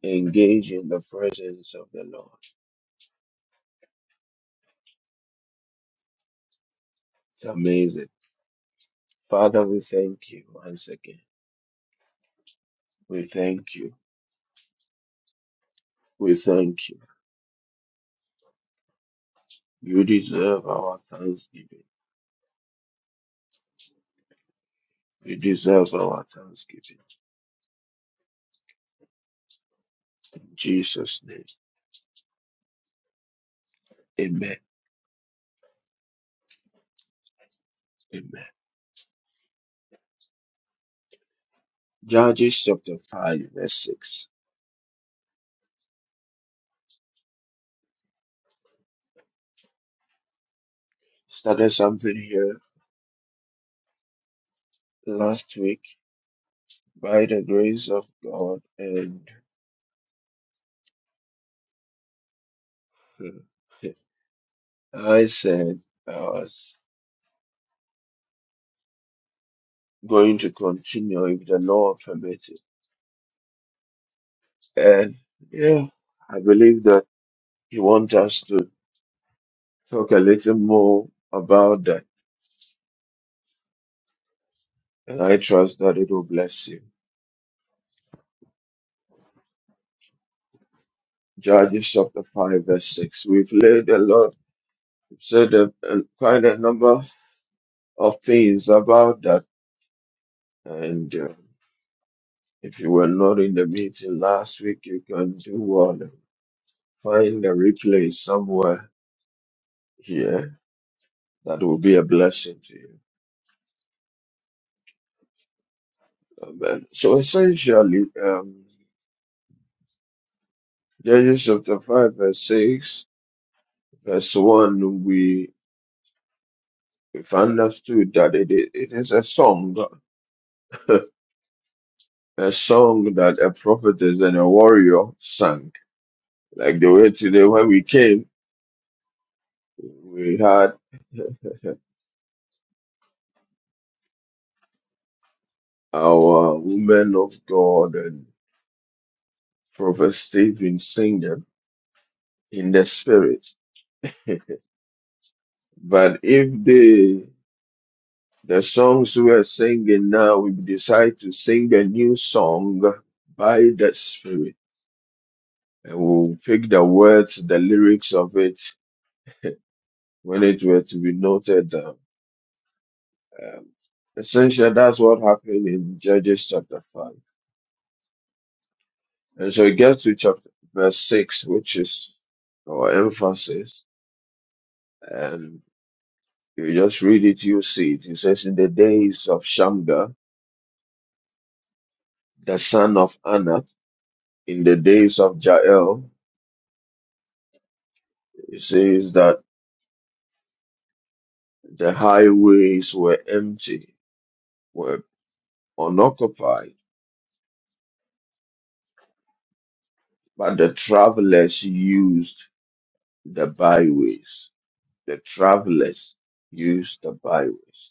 engage in the presence of the Lord. It's amazing. Father, we thank you once again. We thank you. We thank you. You deserve our thanksgiving. You deserve our thanksgiving. In Jesus' name. Amen. Amen. Judges chapter 5, verse 6. Started something here last week by the grace of God, and uh, I said I was going to continue if the Lord permitted. And yeah, I believe that He wants us to talk a little more about that and I trust that it will bless you. Judges chapter 5, verse 6. We've laid a lot, said a, a- quite a number of things about that. And uh, if you were not in the meeting last week, you can do well. to Find a replay somewhere here that will be a blessing to you. Amen. So essentially, um, Judges chapter 5, verse 6, verse 1, we, we've understood that it, it it is a song. [LAUGHS] a song that a prophetess and a warrior sang. Like the way today when we came, we had our women of God and Prophet Stephen sing them in the spirit. But if the the songs we are singing now, we decide to sing a new song by the spirit, and we'll pick the words, the lyrics of it when it were to be noted down. Um, essentially, that's what happened in Judges chapter 5. And so it gets to chapter verse 6, which is our emphasis. And you just read it, you see it. It says, In the days of Shamgar, the son of Anak, in the days of Jael, it says that the highways were empty, were unoccupied, but the travelers used the byways. The travelers used the byways.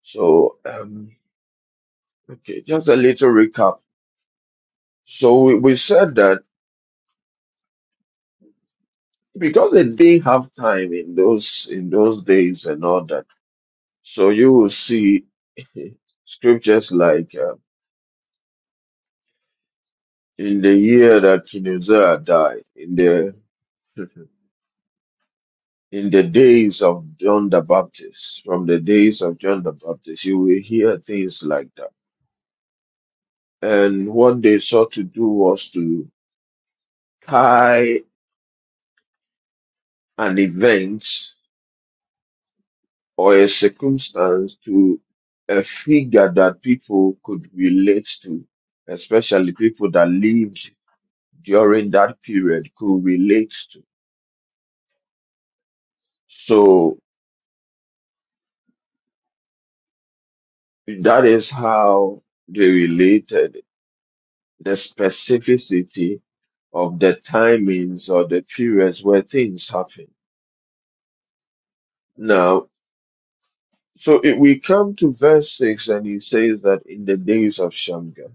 So, um, okay, just a little recap. So we, we said that because they didn't have time in those in those days and all that, so you will see [LAUGHS] scriptures like uh, in the year that King Uzziah died, in the [LAUGHS] in the days of John the Baptist, from the days of John the Baptist, you will hear things like that. And what they sought to do was to tie an event or a circumstance to a figure that people could relate to, especially people that lived during that period could relate to. So that is how they related. The specificity of the timings or the periods where things happen. Now, so if we come to verse 6 and he says that in the days of Shamgar.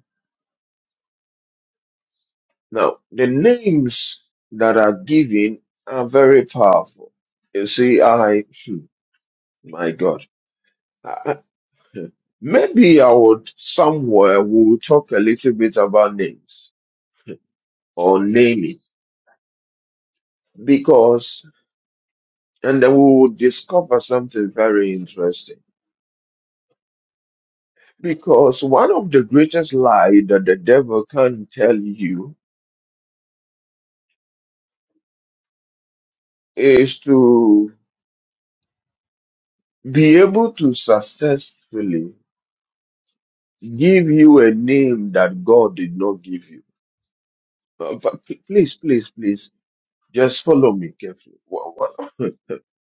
Now, the names that are given are very powerful. You see, I, hmm, my God, I- I- [LAUGHS] maybe I would somewhere we'll talk a little bit about names or naming because, and then we will discover something very interesting. Because one of the greatest lies that the devil can tell you is to be able to successfully give you a name that God did not give you. But, but p- please, please, please, just follow me carefully. Wha- wha-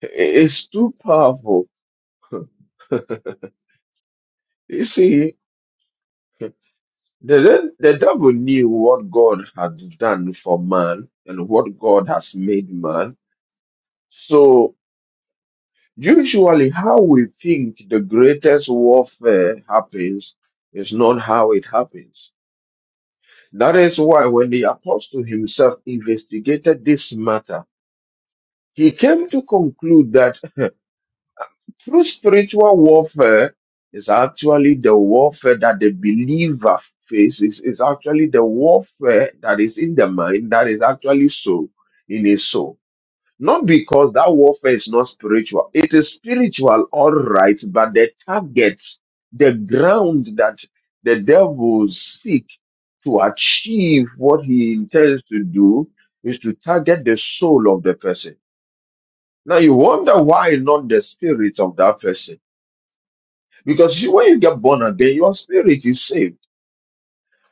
It's too powerful. [LAUGHS] You see, the, the the devil knew what God had done for man and what God has made man. So, usually, how we think the greatest warfare happens is not how it happens. That is why when the apostle himself investigated this matter, He came to conclude that true spiritual warfare is actually the warfare that the believer faces, is actually the warfare that is in the mind, that is actually so in his soul. Not because that warfare is not spiritual. It is spiritual, all right, but the target, the ground that the devil seeks to achieve what he intends to do is to target the soul of the person now you wonder why not the spirit of that person. Because you, when you get born again, your spirit is saved.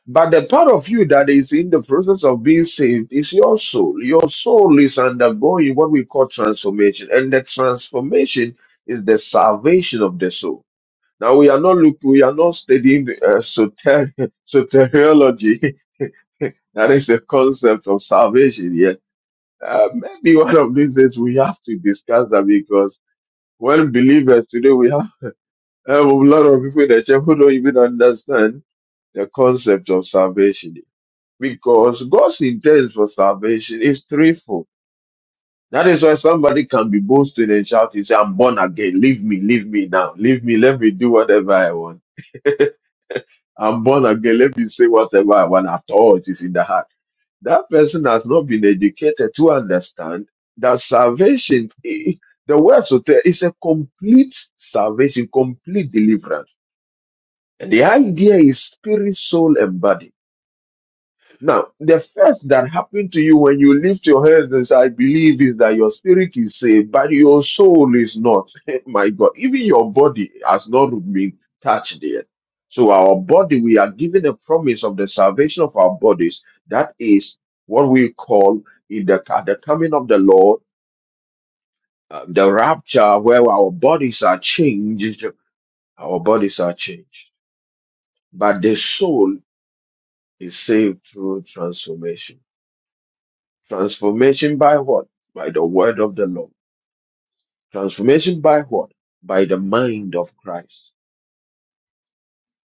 But the part of you that is in the process of being saved is your soul. Your soul is undergoing what we call transformation. And the transformation is the salvation of the soul. Now we are not look, we are not studying uh, soter- [LAUGHS] soteriology. [LAUGHS] that is the concept of salvation here. Uh, maybe one of these days we have to discuss that because when believers today we have Um, a lot of people in the church who don't even understand the concept of salvation because God's intent for salvation is threefold. That is why somebody can be boasting and shouting, say, I'm born again. Leave me, leave me now. Leave me, let me do whatever I want. [LAUGHS] I'm born again. Let me say whatever I want. After all, it is in the heart. That person has not been educated to understand that salvation, [LAUGHS] eh, the word to tell, is a complete salvation, complete deliverance. And the idea is spirit, soul, and body. Now, the first that happened to you when you lift your hands and say, I believe, is that your spirit is saved, but your soul is not. [LAUGHS] My God, even your body has not been touched yet. So, our body, we are given a promise of the salvation of our bodies. That is what we call in the, at the coming of the Lord, uh, the rapture, where our bodies are changed. Our bodies are changed. But the soul is saved through transformation. Transformation by what? By the word of the Lord. Transformation by what? By the mind of Christ.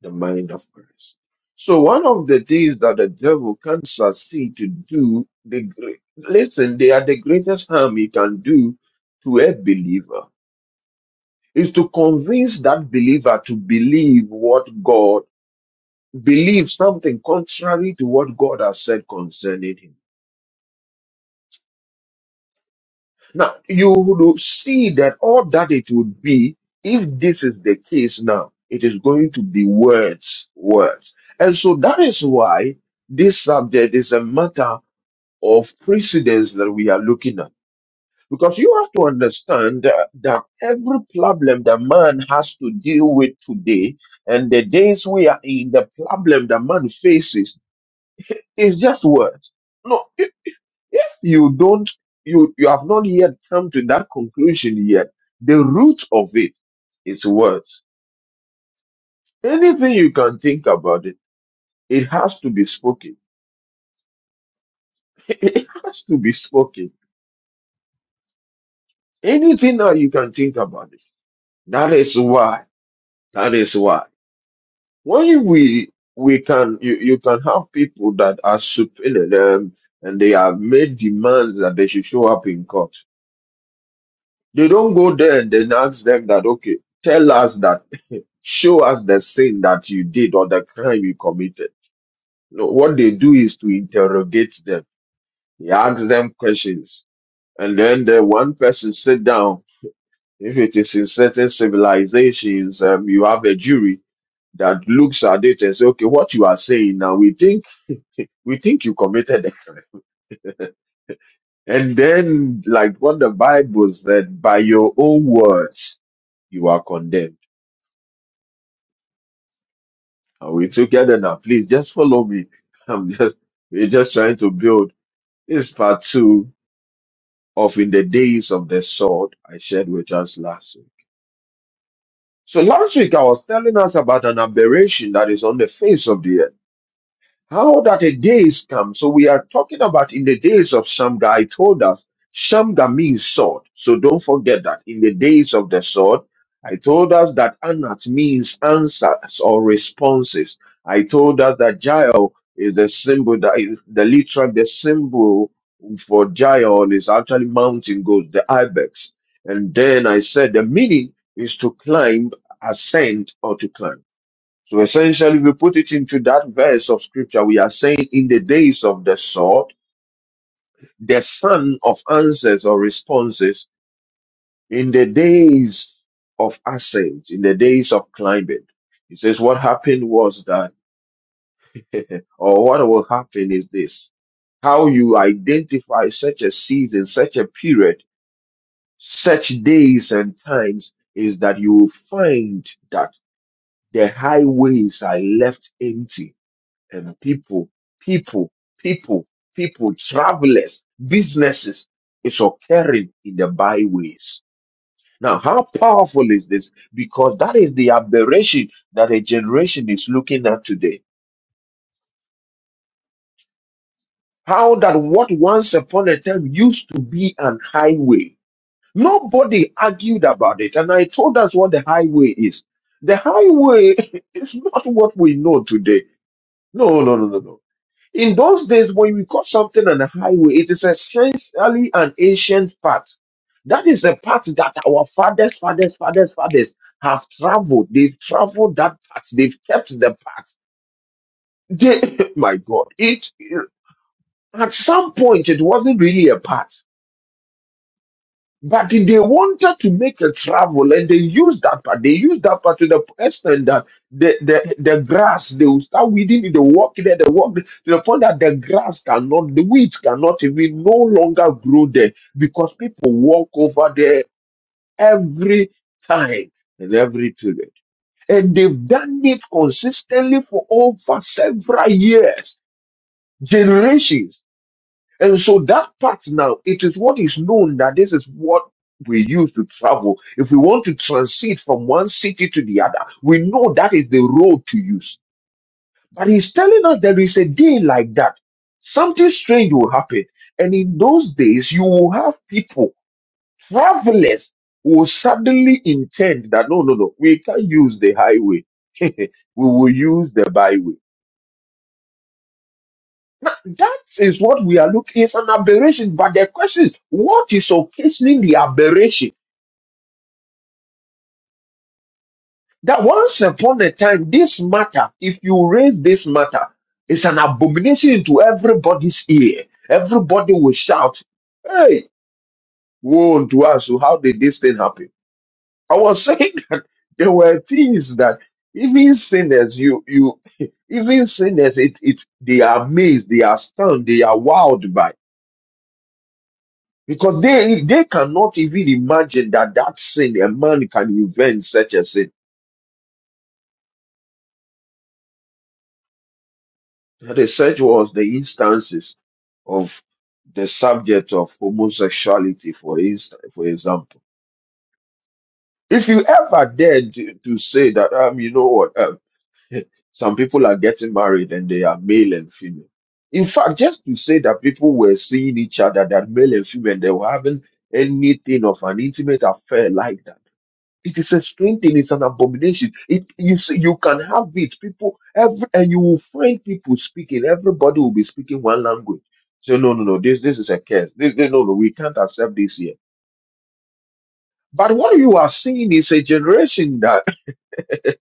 The mind of Christ. So one of the things that the devil can succeed to do, the great, listen, they are the greatest harm he can do to a believer is to convince that believer to believe what God, believe something contrary to what God has said concerning him. Now, you would see that all that it would be, if this is the case now, it is going to be words, words. And so that is why this subject is a matter of precedence that we are looking at. Because you have to understand that, that every problem that man has to deal with today and the days we are in, the problem that man faces is just words. No, if you don't, you, you have not yet come to that conclusion yet. The root of it is words. Anything you can think about it, it has to be spoken. [LAUGHS] It has to be spoken. Anything that you can think about it. That is why. That is why. When we we can you, you can have people that are subpoenaed um, and they have made demands that they should show up in court. They don't go there and then ask them that okay, tell us that show us the sin that you did or the crime you committed. No, what they do is to interrogate them. He asks them questions. And then the one person sit down. If it is in certain civilizations, um, you have a jury that looks at it and say, okay, what you are saying now, we think, we think you committed a crime. And then, like what the Bible said, by your own words, you are condemned. And we together now, please just follow me. [LAUGHS] I'm just, we're just trying to build This is part two of In the Days of the Sword I shared with us last week. So last week I was telling us about an aberration that is on the face of the earth how that the days come. So we are talking about in the days of Shamgar. I told us Shamgar means sword. So don't forget that in the days of the sword, I told us that Anat means answers or responses. I told us that Jael is the symbol that is the literal the symbol for Jael is actually mountain goats, the ibex. And then I said the meaning is to climb, ascend, or to climb. So essentially, we put it into that verse of scripture. We are saying in the days of the sword, the son of answers or responses, in the days of ascent, in the days of climbing. He says, what happened was that, [LAUGHS] or what will happen is this, how you identify such a season, such a period, such days and times is that you will find that the highways are left empty and people, people, people, people, travelers, businesses is occurring in the byways. Now, how powerful is this? Because that is the aberration that a generation is looking at today. How that what once upon a time used to be an highway. Nobody argued about it. And I told us what the highway is. The highway [LAUGHS] is not what we know today. No, no, no, no, no. In those days, when you cut something on a highway, it is essentially an ancient path. That is the path that our fathers, fathers, fathers, fathers have traveled. They've traveled that path. They've kept the path. They, [LAUGHS] my God, it- at some point it wasn't really a path. But they wanted to make a travel and they used that part. They used that part to the extent that the, the, the grass, they will start weeding it, they walk there, they walk there, to the point that the grass cannot, the weeds cannot even no longer grow there because people walk over there every time and every period. And they've done it consistently for over several years, generations. And so that part now, it is what is known that this is what we use to travel. If we want to transit from one city to the other, we know that is the road to use. But he's telling us there is a day like that. Something strange will happen. And in those days, you will have people, travelers, who will suddenly intend that no, no, no, we can't use the highway. [LAUGHS] we will use the byway. Now, that is what we are looking. It's an aberration, but the question is, what is occasioning the aberration? That once upon a time, this matter, if you raise this matter, it's an abomination to everybody's ear. Everybody will shout, "Hey, woe unto us! oh, How did this thing happen?" I was saying [LAUGHS] that there were things that even sinners, you, you, [LAUGHS] even sinners, it, it, they are amazed, they are stunned, they are wowed by. Because they they cannot even imagine that that sin a man can invent such a sin. The such was the instances of the subject of homosexuality, for instance, for example. If you ever dared to, to say that, um, you know what, um, some people are getting married and they are male and female. In fact, just to say that people were seeing each other, that male and female, they were having anything of an intimate affair like that It is a strange thing. It's an abomination. It is you can have it. People every and you will find people speaking. Everybody will be speaking one language. Say no, no, no. This this is a curse. This, this- no, no. We can't accept this here. But what you are seeing is a generation that [LAUGHS]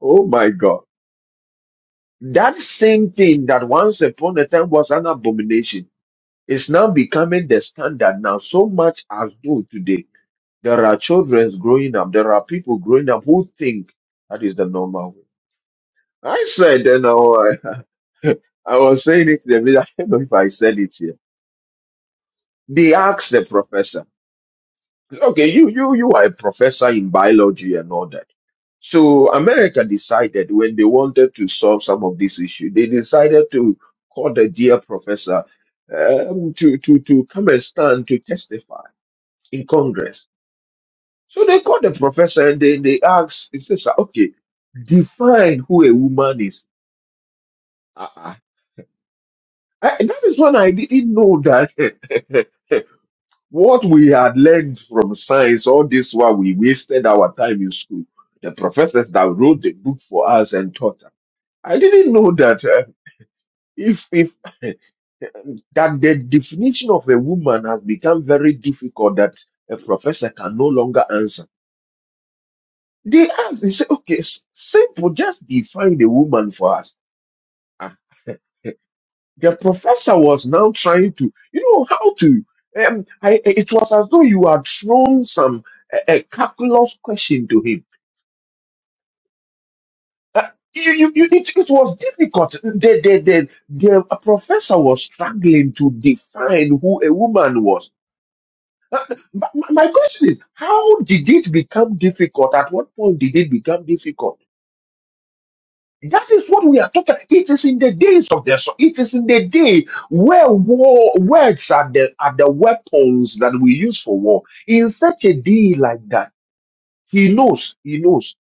oh my God, that same thing that once upon a time was an abomination is now becoming the standard now. So much as though today there are children growing up, there are people growing up who think that is the normal way. I said, you know, I, [LAUGHS] I was saying it to them. I don't know if I said it here. They asked the professor, okay, you, you, you are a professor in biology and all that. So America decided when they wanted to solve some of this issue, they decided to call the dear professor um, to, to, to come and stand to testify in Congress. So they called the professor and they, they asked, it's just, okay, define who a woman is. Uh, uh, I, that is when I didn't know that [LAUGHS] what we had learned from science, all this while we wasted our time in school, the professors that wrote the book for us and taught us. I didn't know that uh, if if [LAUGHS] that the definition of a woman has become very difficult that a professor can no longer answer. They ask, they say, okay, s- simple, just define the woman for us. Ah, [LAUGHS] The professor was now trying to, you know, how to. Um, I, it was as though you had thrown some a, a calculus question to him. Uh, you, you, you, it, it was difficult. The, the, the, the professor was struggling to define who a woman was. Uh, but my my question is, how did it become difficult? At what point did it become difficult? That is what we are talking. It is in the days of the so it is in the day where war words are the are the weapons that we use for war. In such a day like that, he knows, he knows,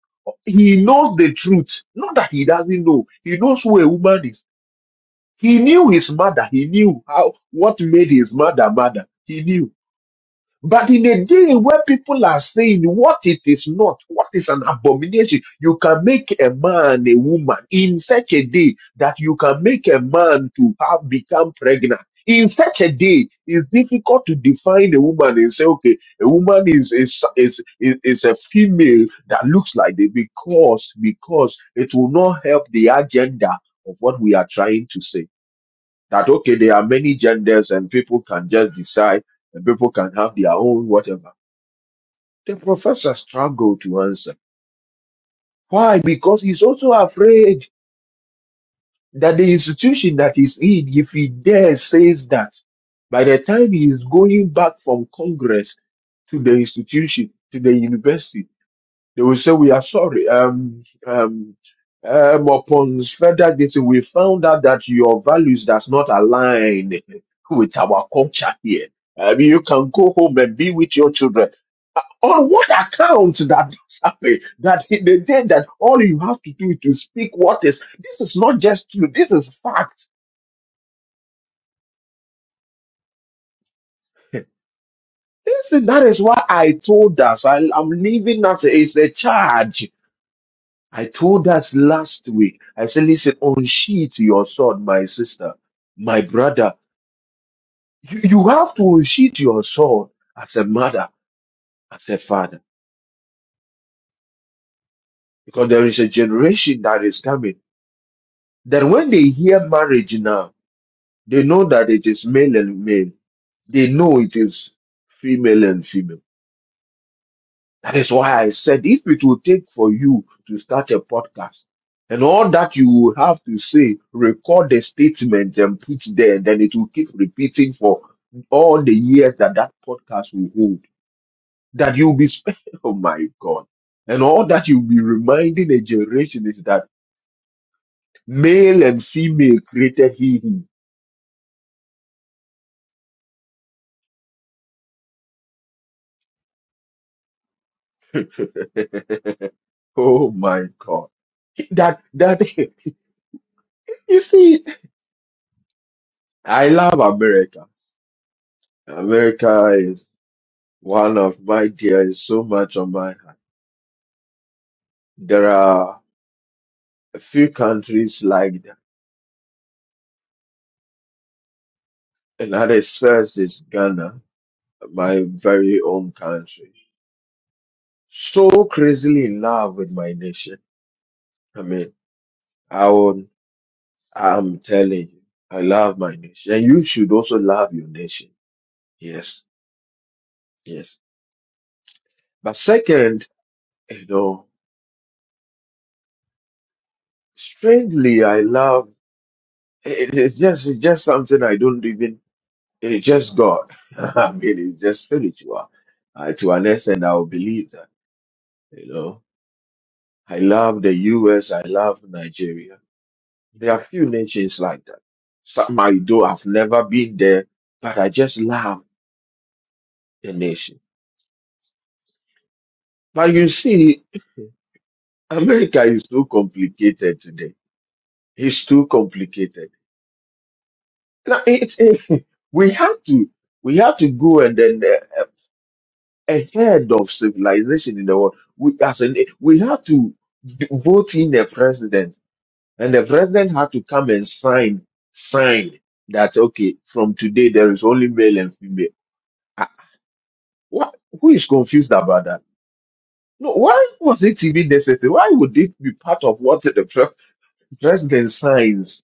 he knows the truth. Not that he doesn't know, he knows who a woman is. He knew his mother, he knew how what made his mother mother. He knew. But in a day where people are saying what it is not, what is an abomination, you can make a man a woman in such a day that you can make a man to have become pregnant. In such a day, it's difficult to define a woman and say, okay, a woman is is is, is, is a female that looks like this because because it will not help the agenda of what we are trying to say. That okay, there are many genders and people can just decide and people can have their own whatever. The professor struggled to answer. Why? Because he's also afraid that the institution that he's in, if he dares, says that, by the time he is going back from Congress to the institution, to the university, They will say, we are sorry. Um, um, um, upon further dating, we found out that your values does not align with our culture here. Um, you can go home and be with your children. On what account that this happened? That in the day that all you have to do is to speak what is. This is not just you. This is fact. This is, that is why I told us I, I'm leaving us. It's a charge. I told us last week, I said, listen, unsheath your sword, my sister, my brother. You, you have to unsheath your sword as a mother, as a father, because there is a generation that is coming. That when they hear marriage now, they know that it is male and male. They know it is female and female. That is why I said if it will take for you to start a podcast and all that you will have to say, record the statement and put there, then it will keep repeating for all the years that that podcast will hold. That you'll be, spe- [LAUGHS] oh my God. And all that you'll be reminding a generation is that male and female created he, him. [LAUGHS] oh my God. That, that, [LAUGHS] you see, I love America. America is. One of my dear is so much on my heart. There are a few countries like that. Another first is Ghana, my very own country. So crazily in love with my nation. I mean, I will, I'm telling you, I love my nation. And you should also love your nation. Yes, yes. But second, you know, strangely, I love, it, it's just, it's just something I don't even It's just God. [LAUGHS] I mean, it's just spiritual. Uh, to an extent, I will believe that. You know, I love the U.S. I love Nigeria. There are few nations like that. Some I do. I've never been there, but I just love the nation. But you see, America is too complicated today. It's too complicated. Now, It's, [LAUGHS] we have to we have to go and then uh, ahead of civilization in the world. We, as in, we had to v- vote in the president, and the president had to come and sign sign that okay, from today there is only male and female. Ah, what? Who is confused about that? No, why was it even necessary? Why would it be part of what the pre- president signs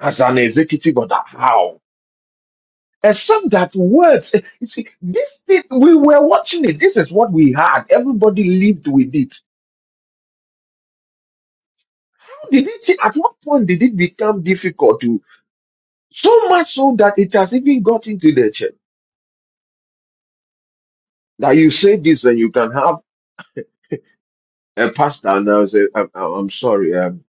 as an executive order? How? Except that words, eh, you see, this thing, we were watching it. This is what we had. Everybody lived with it did it at what point did it become difficult to so much so that it has even got into the church that you say this and you can have a pastor and I'll say I'm, I'm I'm sorry um,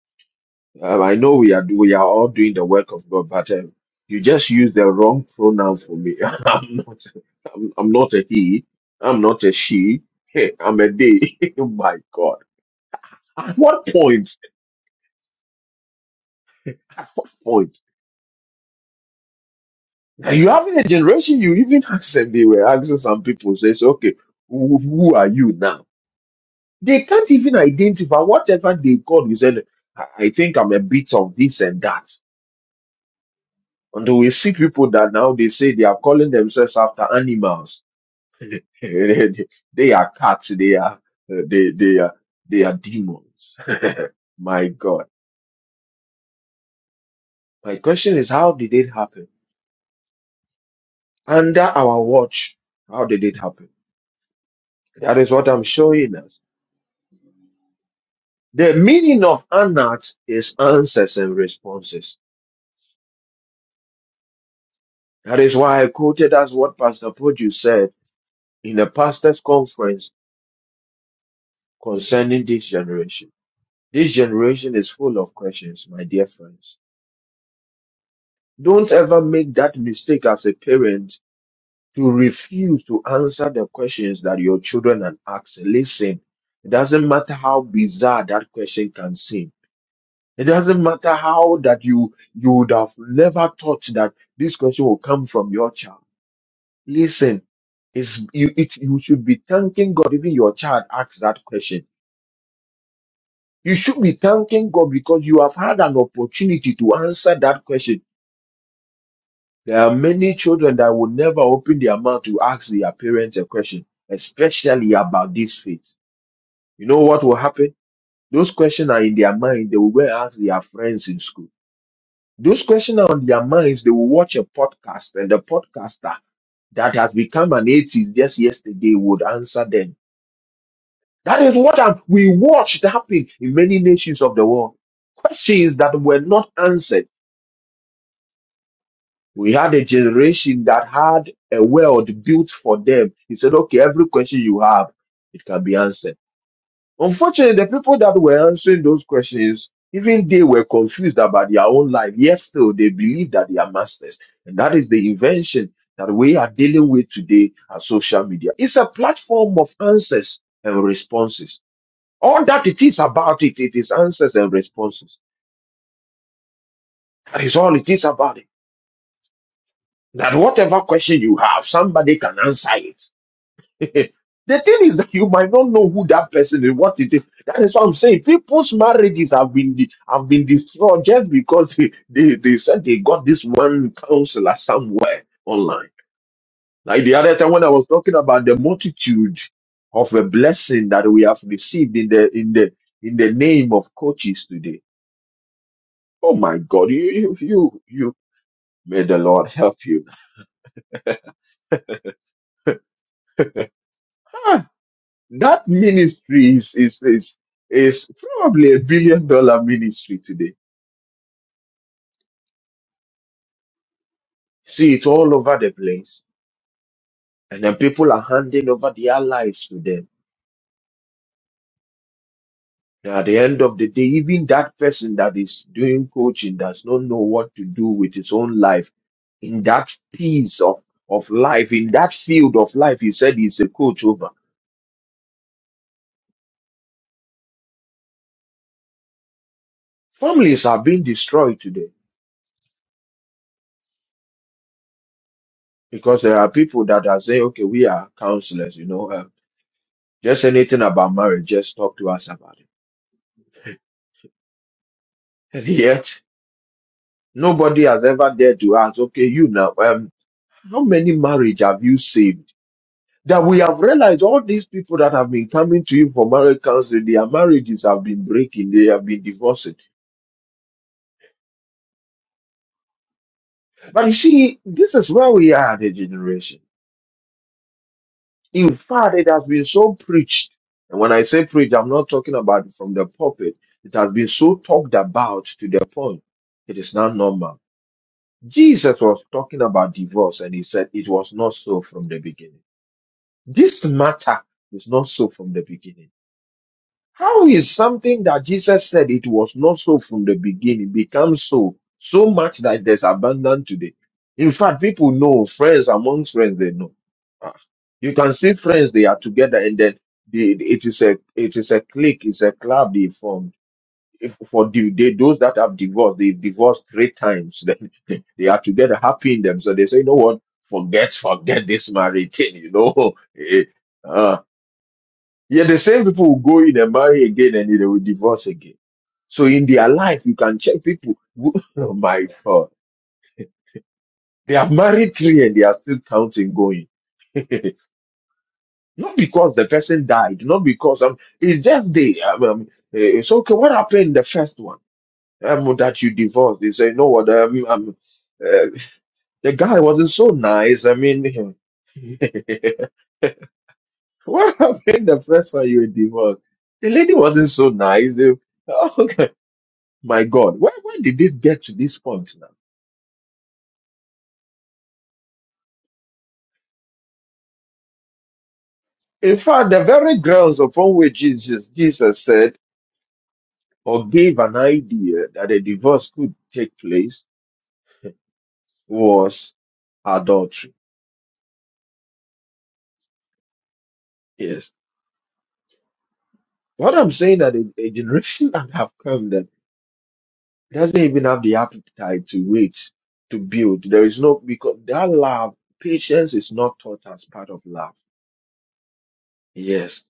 um, I know we are do- we are all doing the work of God but um, you just use the wrong pronoun for me [LAUGHS] I'm not I'm, I'm not a he I'm not a she [LAUGHS] I'm a they [LAUGHS] Oh my God at what point At what point? You having a generation, you even ask them, they were asking some people, says, okay, who, who are you now? They can't even identify whatever they call. You said, I I think I'm a bit of this and that. And we see people that now they say they are calling themselves after animals. [LAUGHS] they are cats. They are, uh, they, they are, they are demons. [LAUGHS] My God. My question is, how did it happen? Under our watch, how did it happen? That is what I'm showing us. The meaning of anat is answers and responses. That is why I quoted as what Pastor Produce said in a pastor's conference concerning this generation. This generation is full of questions, my dear friends. Don't ever make that mistake as a parent to refuse to answer the questions that your children are asking. Listen, it doesn't matter how bizarre that question can seem It doesn't matter how that you you would have never thought that this question will come from your child. Listen, it's you it you should be thanking God even your child asks that question. You should be thanking God because you have had an opportunity to answer that question. There are many children that will never open their mouth to ask their parents a question, especially about this faith. You know what will happen? Those questions are in their mind. They will go and ask their friends in school Those questions are on their minds. They will watch a podcast, and the podcaster that has become an atheist just yesterday would answer them. That is what I'm- we watched happen in many nations of the world. Questions that were not answered. We had a generation that had a world built for them. He said, okay, every question you have, it can be answered. Unfortunately, the people that were answering those questions, even they were confused about their own life, yet still they believe that they are masters. And that is the invention that we are dealing with today at social media. It's a platform of answers and responses. All that it is about it, it is answers and responses. That is all it is about it. That whatever question you have, somebody can answer it. [LAUGHS] the thing is that you might not know who that person is, what it is. That is what I'm saying. People's marriages have been de- have been destroyed just because they, they, they said they got this one counselor somewhere online. Like the other time when I was talking about the multitude of a blessing that we have received in the in the in the name of coaches today. Oh my God, you you you, you may the Lord help you. Ah, that ministry is is is is probably a billion dollar ministry today See, it's all over the place. And then people are handing over their lives to them. And at the end of the day, even that person that is doing coaching does not know what to do with his own life. In that piece of, of life, in that field of life, he said he's a coach over. Families are being destroyed today because there are people that are saying, okay, we are counselors, you know, um, just anything about marriage, just talk to us about it. And yet, nobody has ever dared to ask, okay, you now, um, How many marriage have you saved? That we have realized all these people that have been coming to you for marriage counseling, their marriages have been breaking, they have been divorcing. But you see, this is where we are as a generation. In fact, it has been so preached. And when I say preached, I'm not talking about from the pulpit. It has been so talked about to the point. It is not normal. Jesus was talking about divorce and he said it was not so from the beginning. This matter is not so from the beginning. How is something that Jesus said it was not so from the beginning become so, so much that there's abandon today? In fact, people know, friends among friends, they know. Ah, You can see friends, they are together and then they, it is a, it is a clique, it's a club they formed. If, for the, they, those that have divorced, they divorced three times. [LAUGHS] Then they are together happy in them. So they say, you know what? Forget, forget this marriage thing, you know. [LAUGHS] Eh, ah. Yeah, the same people will go in and marry again and they will divorce again. So in their life, you can check people. who- [LAUGHS] Oh my God. They are married three and they are still counting going. [LAUGHS] not because the person died, not because um, it's just they. Um, um, eh, it's okay. What happened in the first one um, that you divorced? They say, no, what? Um, um, uh, the guy wasn't so nice. I mean, [LAUGHS] what happened the first one you were divorced? The lady wasn't so nice. [LAUGHS] My God, where, when did it get to this point now? In fact, the very grounds upon which Jesus, Jesus said or gave an idea that a divorce could take place was adultery. Yes. What I'm saying that a, a generation that have come that doesn't even have the appetite to wait, to build. There is no, because that love, patience is not taught as part of love. Yes.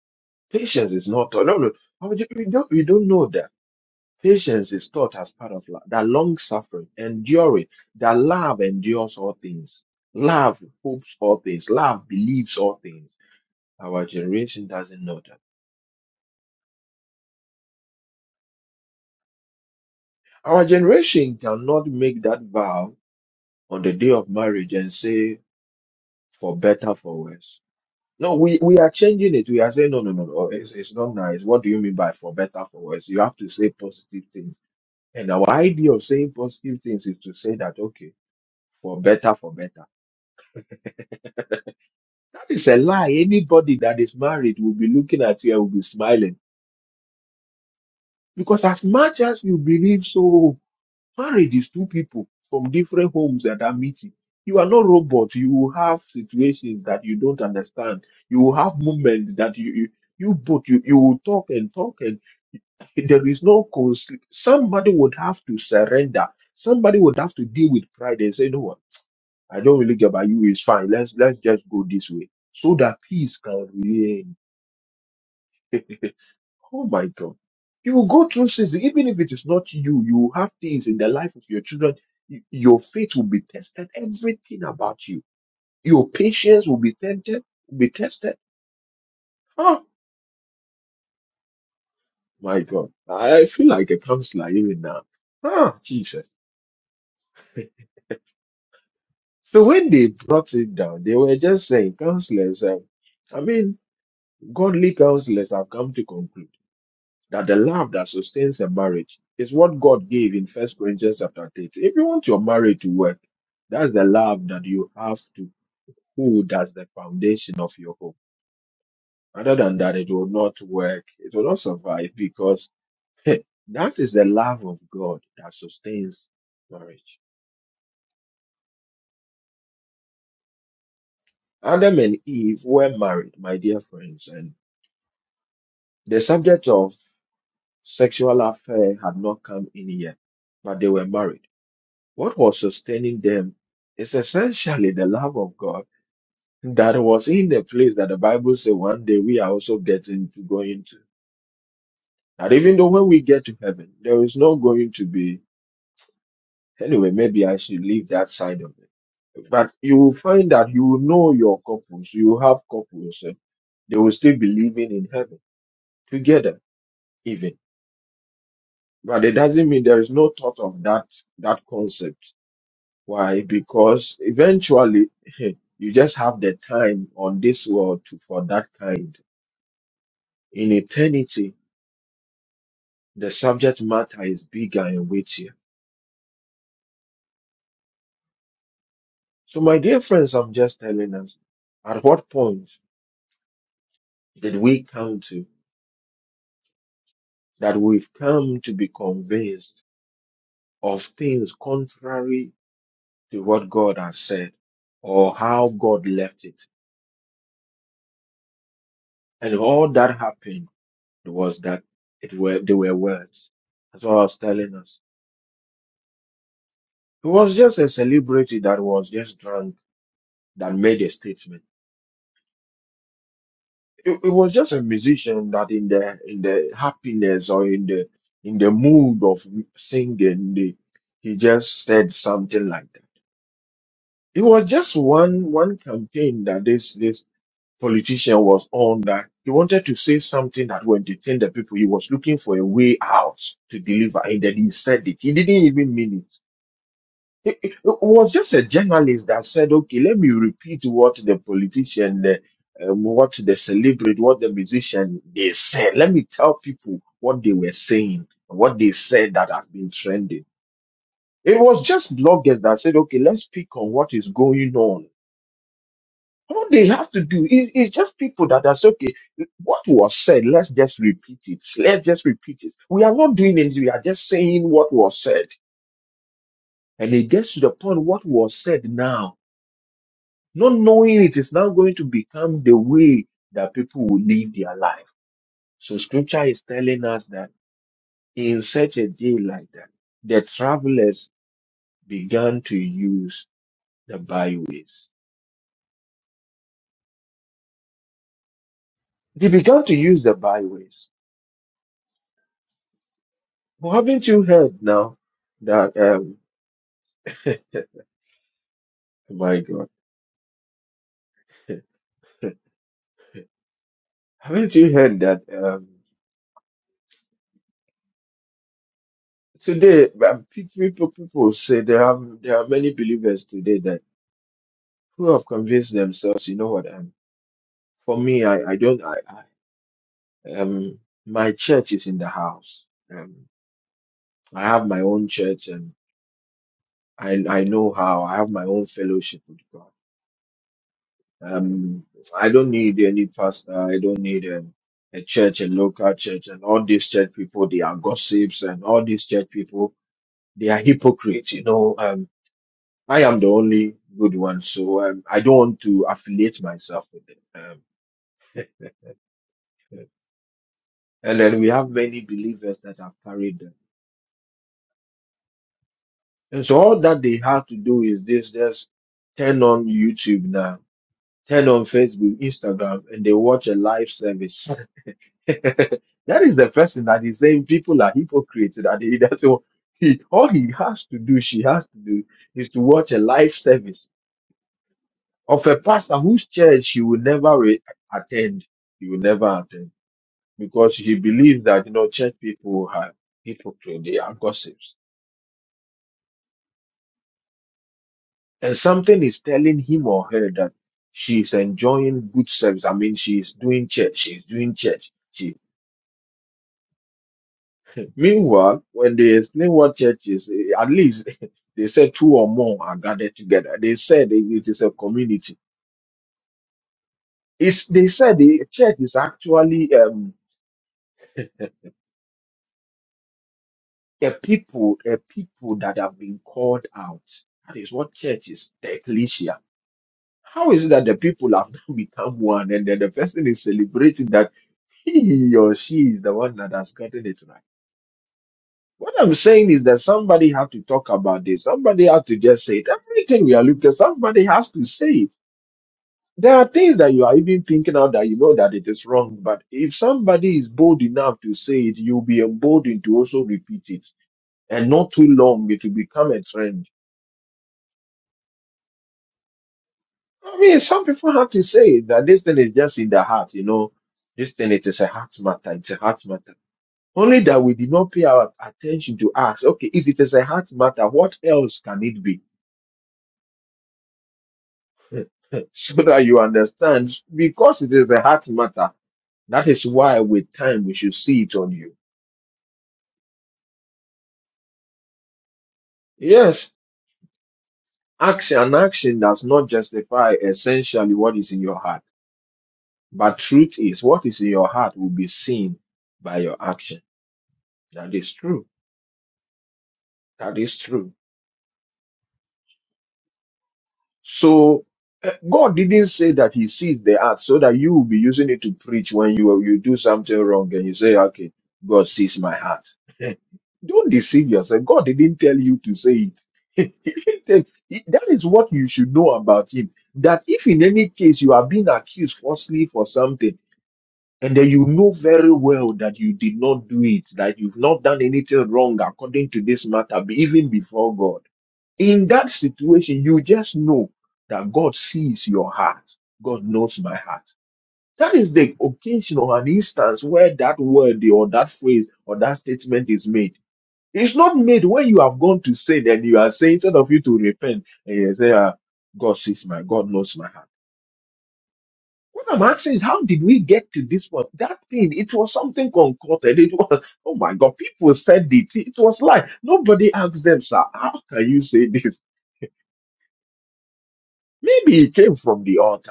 Patience is not taught. No, no. We don't, we don't know that. Patience is taught as part of love, that long suffering, enduring, that love endures all things. Love hopes all things. Love believes all things. Our generation doesn't know that. Our generation cannot make that vow on the day of marriage and say, for better, for worse. No, we, we are changing it. We are saying, no, no, no, no, it's, it's not nice. What do you mean by for better, for worse? You have to say positive things. And our idea of saying positive things is to say that, okay, for better, for better. That is a lie. Anybody that is married will be looking at you and will be smiling. Because as much as you believe so, marriage is two people from different homes that are meeting. You are not robots. You will have situations that you don't understand. You will have moments that you, you, you both, you, you will talk and talk and there is no, cons- somebody would have to surrender. Somebody would have to deal with pride and say, you know what? I don't really care about you. It's fine. Let's, let's just go this way so that peace can reign. [LAUGHS] Oh my God. You will go through seasons, even if it is not you, you will have things in the life of your children. Y- Your faith will be tested, everything about you. Your patience will be tempted, will be tested. Oh my God. I feel like a counselor even now. Ah, Jesus. So when they brought it down, they were just saying, counselors, um, I mean, godly counselors have come to conclude. that the love that sustains a marriage is what God gave in First Corinthians chapter 13. If you want your marriage to work, that's the love that you have to hold as the foundation of your home. Other than that, it will not work. It will not survive because [LAUGHS] that is the love of God that sustains marriage. Adam and Eve were married, my dear friends, and the subject of sexual affair had not come in yet, but they were married. What was sustaining them is essentially the love of God that was in the place that the Bible says one day we are also getting to go into. That even though when we get to heaven, there is no going to be, anyway, maybe I should leave that side of it. But you will find that you will know your couples, you will have couples, eh, they will still be living in heaven together, even. But it doesn't mean there is no thought of that that concept Why? Because eventually [LAUGHS] you just have the time on this world to, for that kind. In eternity, the subject matter is bigger and weightier. So, my dear friends, I'm just telling us at what point did we come to that we've come to be convinced of things contrary to what God has said or how God left it? And all that happened was that it were, they were words. That's what I was telling us. It was just a celebrity that was just drunk that made a statement. It, it was just a musician that in the in the happiness or in the in the mood of singing, the, he just said something like that. It was just one one campaign that this this politician was on that he wanted to say something that would entertain the people. He was looking for a way out to deliver, and then he said it. He didn't even mean it. it, it was just a journalist that said, okay, let me repeat what the politician, the, um, what the celebrity, what the musician, they said. Let me tell people what they were saying, what they said that has been trending. It was just bloggers that said, okay, let's pick on what is going on. All they have to do is, is just people that are say, okay, what was said, let's just repeat it. Let's just repeat it. We are not doing anything. We are just saying what was said. And it gets to the point what was said now Not knowing it is now going to become the way that people will live their life. So scripture is telling us that in such a day like that, the travelers began to use the byways. They began to use the byways. Well, haven't you heard now that, um, [LAUGHS] my God, [LAUGHS] haven't you heard that, um, today, um, pe- people, people say there are, there are many believers today that who have convinced themselves, you know what? For me, I, I don't I, I um my church is in the house. Um I have my own church and I I know how I have my own fellowship with God. Um I don't need any pastor, I don't need um, a church, a local church, and all these church people, they are gossips and all these church people, they are hypocrites, you know. Um I am the only good one, so um, I don't want to affiliate myself with them. Um, and then we have many believers that have carried them. And so all that they have to do is this just turn on YouTube now, turn on Facebook, Instagram, and they watch a live service. [LAUGHS] that is the person that is saying people are hypocrites. That he, that's all he all he has to do, she has to do is to watch a live service of a pastor whose church she will never re- attend. He will never attend because he believes that you know church people are hypocrites, they are gossips and something is telling him or her that she's enjoying good sex. I mean, she's doing church. She's doing church. She. Meanwhile, when they explain what church is, eh, at least [LAUGHS] they said two or more are gathered together. They said it it is a community. It's, they said the church is actually um, a people, a people that have been called out. That is what church is, the ecclesia. How is it that the people have [LAUGHS] now become one and then the person is celebrating that? he or she is the one that has gotten it right. What I'm saying is that somebody have to talk about this. Somebody have to just say it. Everything we are looking at, somebody has to say it. There are things that you are even thinking out that you know that it is wrong, but if somebody is bold enough to say it, you'll be emboldened to also repeat it. And not too long, it will become a trend. I mean, some people have to say that this thing is just in the heart, you know. This thing, it is a heart matter. It's a heart matter. Only that we did not pay our attention to ask, okay, if it is a heart matter, what else can it be? [LAUGHS] so that you understand, because it is a heart matter, that is why with time we should see it on you. Yes, action and action does not justify essentially what is in your heart. But truth is, what is in your heart will be seen by your action. That is true. That is true. So uh, God didn't say that He sees the heart, so that you will be using it to preach when you you do something wrong and you say, "Okay, God sees my heart." [LAUGHS] Don't deceive yourself. God didn't tell you to say it. [LAUGHS] He didn't tell- he- that is what you should know about Him. That if in any case you are being accused falsely for something, and then you know very well that you did not do it, that you've not done anything wrong according to this matter, be- even before God in that situation, you just know that God sees your heart. God knows my heart. That is the occasion or an instance where that word or that phrase or that statement is made. It's not made when you have gone to sin and you are saying instead of you to repent and you say, ah, God sees my, God knows my heart. What I'm asking is, how did we get to this point? That thing, it was something concocted. It was, oh my God, people said it. It was like, nobody asked them, sir, how can you say this? Maybe it came from the altar.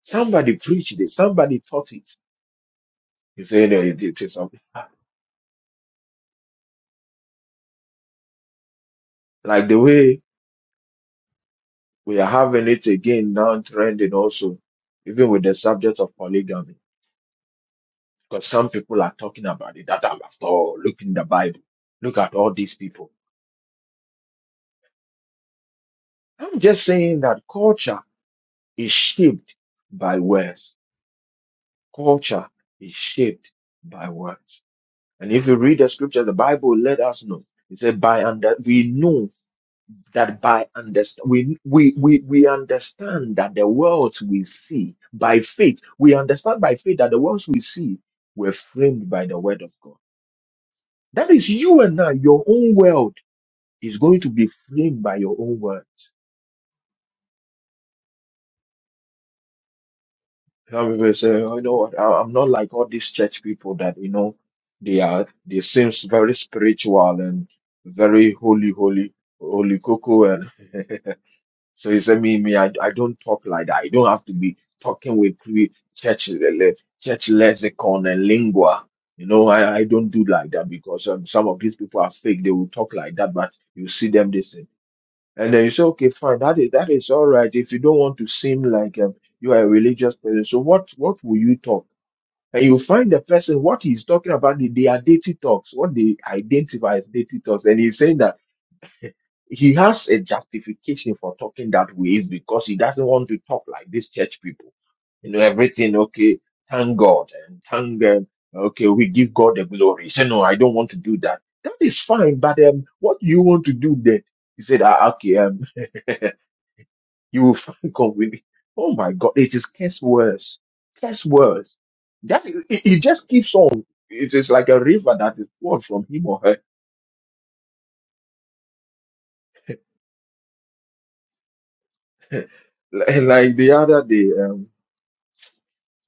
Somebody preached it. Somebody taught it. You say, "No, it, it is something. Like the way we are having it again now trending also, even with the subject of polygamy. Because some people are talking about it. That I'm after all, look in the Bible. Look at all these people. I'm just saying that culture is shaped by words. Culture is shaped by words. And if you read the scripture, the Bible let us know. It said, by under, we know that by understand we, we we we understand that the worlds we see by faith we understand by faith that the worlds we see were framed by the word of god that is you and i your own world is going to be framed by your own word some people say oh, you know what I, i'm not like all these church people that you know they are they seems very spiritual and very holy holy holy coco and [LAUGHS] So he said, me, me, I, I don't talk like that. I don't have to be talking with pre church le- church lexicon and lingua. You know, I, I don't do like that because um, some of these people are fake. They will talk like that, but you see them this thing. And then you say, okay, fine, that is that is all right. If you don't want to seem like um, you are a religious person, so what what will you talk? And you find the person what he's talking about, the, the identity talks, what they identify as deity talks, and he's saying that. He has a justification for talking that way is because he doesn't want to talk like these church people. You know, everything, okay, thank God and thank them. Okay, we give God the glory. He said, no, I don't want to do that. That is fine, but um, what do you want to do then? He said, ah, okay, um, [LAUGHS] you will find convenient. Oh my God, it is curse worse. Curse worse. That, it, it just keeps on. It is like a river that is poured from him or her. [LAUGHS] like like the other day. um,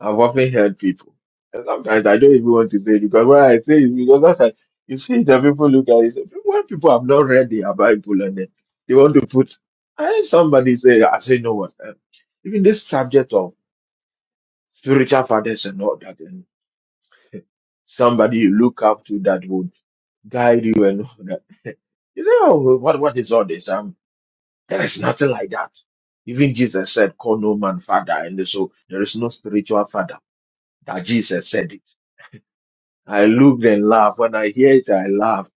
I've often heard people. And sometimes I don't even want to say it because when I say it, because that's like, you see the people look at it, say, when people have not read their Bible and then they want to put, I heard somebody say, I say, no what, um, even this subject of spiritual fathers and all that, and somebody you look up to that would guide you and all that. You say, oh, what, what is all this? Um, there is nothing like that. Even Jesus said, call no man father. And so there is no spiritual father that Jesus said it. I looked and laughed. When I hear it, I laugh.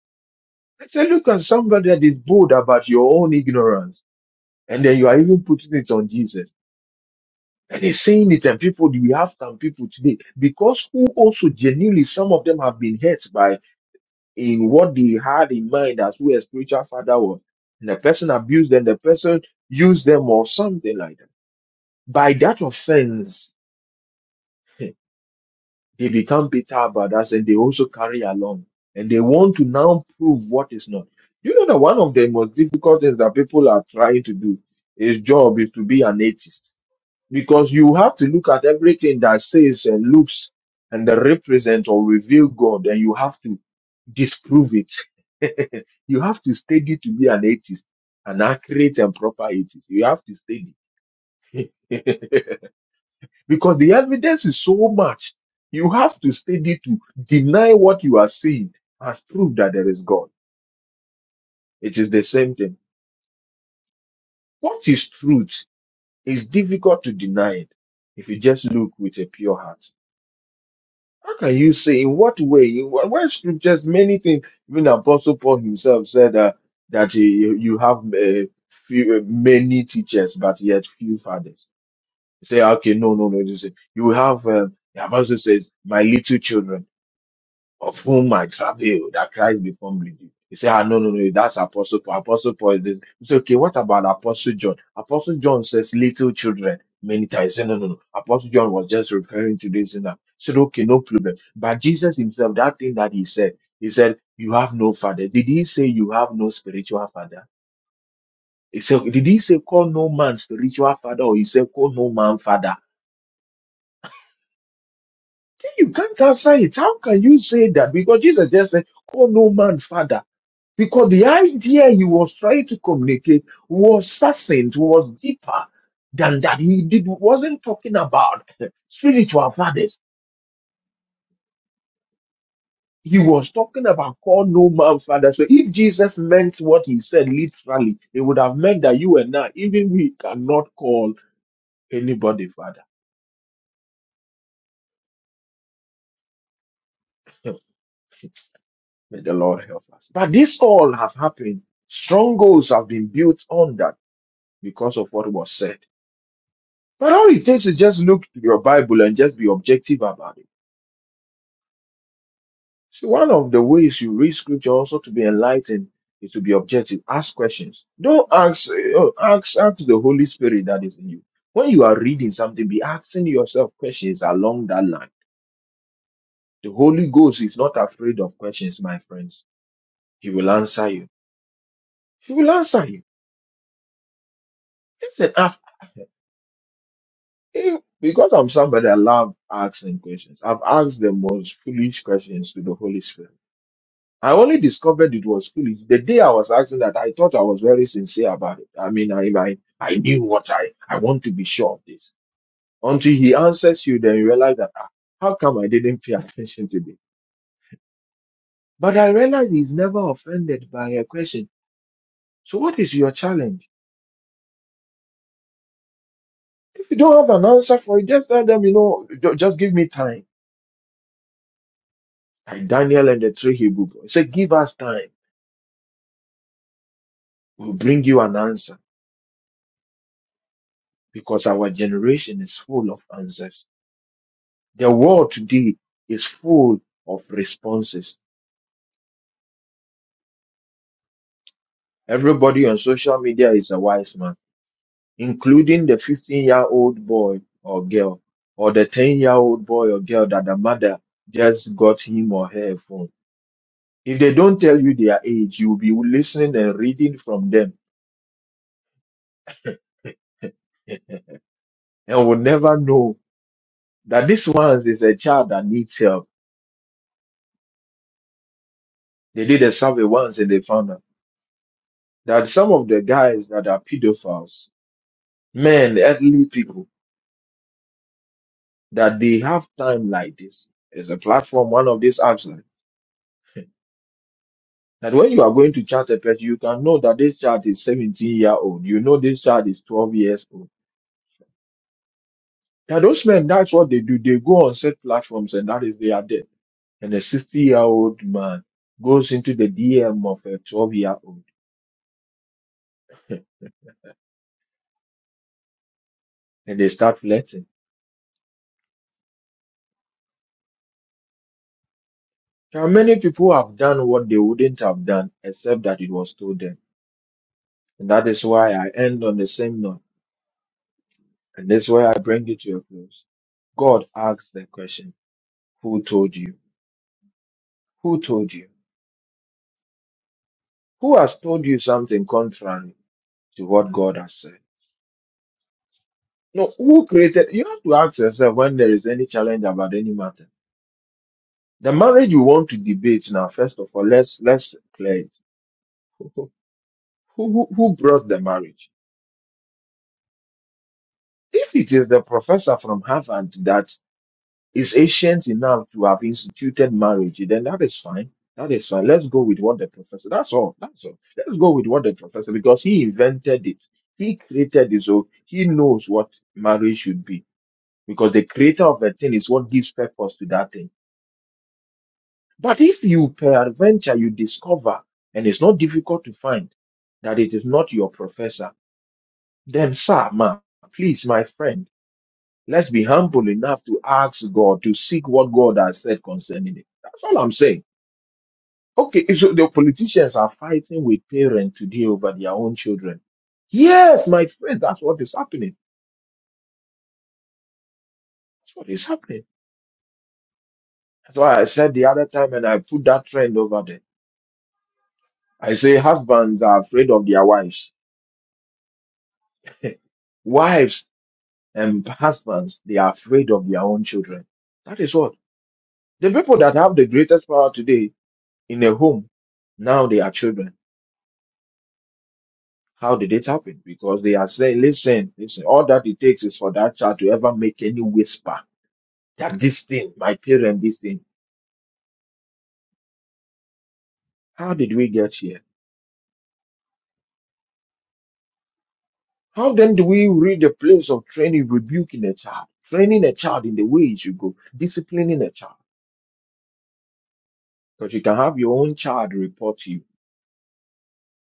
I said, look at somebody that is bold about your own ignorance. And then you are even putting it on Jesus. And he's saying it, and people, we have some people today, because who also genuinely, some of them have been hurt by in what they had in mind as who a spiritual father was. And the person abused them, the person used them or something like that. By that offense, [LAUGHS] They become bitter about us and they also carry along. And they want to now prove what is not. You know that one of the most difficult things that people are trying to do is job is to be an atheist. Because you have to look at everything that says and looks and that represent or reveal God and you have to disprove it. [LAUGHS] you have to study to be an atheist, an accurate and proper atheist. You have to study. [LAUGHS] because the evidence is so much. You have to study to deny what you are seeing and prove that there is God. It is the same thing. What is truth is difficult to deny it if you just look with a pure heart. How can you say in what way? In what, where scriptures, many things, even Apostle Paul himself said uh, that you, you have uh, few, uh, many teachers, but yet few fathers. Say, okay, no, no, no. Just, say, you have, um, the Apostle says, my little children. of whom I travail, that Christ be formed in you. He said, ah, no, no, no, that's Apostle Paul. Apostle Paul is this. He said, okay, what about Apostle John? Apostle John says little children many times. He said, no, no, no. Apostle John was just referring to this and that. He said, okay, no problem. But Jesus himself, that thing that he said, he said, you have no father. Did he say you have no spiritual father? He said, did he say call no man spiritual father or he said call no man father? You can't answer it. How can you say that? Because Jesus just said, call no man father. Because the idea he was trying to communicate was succinct, was deeper than that. He did, wasn't talking about [LAUGHS] spiritual fathers. He was talking about call no man father. So if Jesus meant what he said literally, it would have meant that you and I, even we cannot call anybody father. [LAUGHS] May the Lord help us. But this all have happened. Strongholds have been built on that because of what was said. But all it takes is just look to your Bible and just be objective about it. See, one of the ways you read scripture also to be enlightened is to be objective. Ask questions. Don't ask, oh, ask, ask the Holy Spirit that is in you. When you are reading something, be asking yourself questions along that line. The Holy Ghost is not afraid of questions, my friends. He will answer you. He will answer you. Listen, I've if, because I'm somebody I love asking questions, I've asked the most foolish questions to the Holy Spirit. I only discovered it was foolish the day I was asking that. I thought I was very sincere about it. I mean, I I, I knew what I I want to be sure of this. Until he answers you, then you realize that ah, how come I didn't pay [LAUGHS] attention to this? But I realize he's never offended by a question. So what is your challenge? If you don't have an answer for it, just tell them. You know, "Ju- just give me time. Like Daniel and the three Hebrew boys, say, give us time. We'll bring you an answer because our generation is full of answers. The world today is full of responses. Everybody on social media is a wise man, including the 15 year old boy or girl, or the 10 year old boy or girl that the mother just got him or her a phone. If they don't tell you their age, you'll be listening and reading from them and will never know that this one is a child that needs help. They did a survey once and they found out that some of the guys that are pedophiles, men, elderly people, that they have time like this. It's a platform, one of these apps, like, that when you are going to chat a person, you can know that this child is 17 year old. You know this child is 12 years old. That those men, that's what they do. They go on set platforms and that is their death. And a 60 year old man goes into the DM of a 12 year old and they start flirting. Now, many people have done what they wouldn't have done except that it was told them. And that is why I end on the same note. And this is where I bring it to a close. God asks the question, Who told you? Who told you? Who has told you something contrary to what God has said? No, who created? You have to ask yourself when there is any challenge about any matter. The marriage you want to debate now, first of all, let's let's clear it. [LAUGHS] Who, who, who brought the marriage? If it is the professor from Harvard that is ancient enough to have instituted marriage, then that is fine. That is fine. Let's go with what the professor. That's all. That's all. Let's go with what the professor because he invented it. He created it, so he knows what marriage should be. Because the creator of a thing is what gives purpose to that thing. But if you peradventure you discover, and it's not difficult to find that it is not your professor, then sir, ma, please, my friend Let's be humble enough to ask God to seek what God has said concerning it. That's all I'm saying. Okay, so the politicians are fighting with parents today over their own children. Yes, my friend, that's what is happening. That's what is happening. That's why I said the other time, and I put that trend over there. I say husbands are afraid of their wives. [LAUGHS] wives and husbands, they are afraid of their own children. That is what the people that have the greatest power today in a home now they are children. How did it happen? Because they are saying, listen, listen, all that it takes is for that child to ever make any whisper that this thing, my parent, this thing. How did we get here? How then do we read the place of training, rebuking a child, training a child in the way it should go, disciplining a child? Because you can have your own child report to you,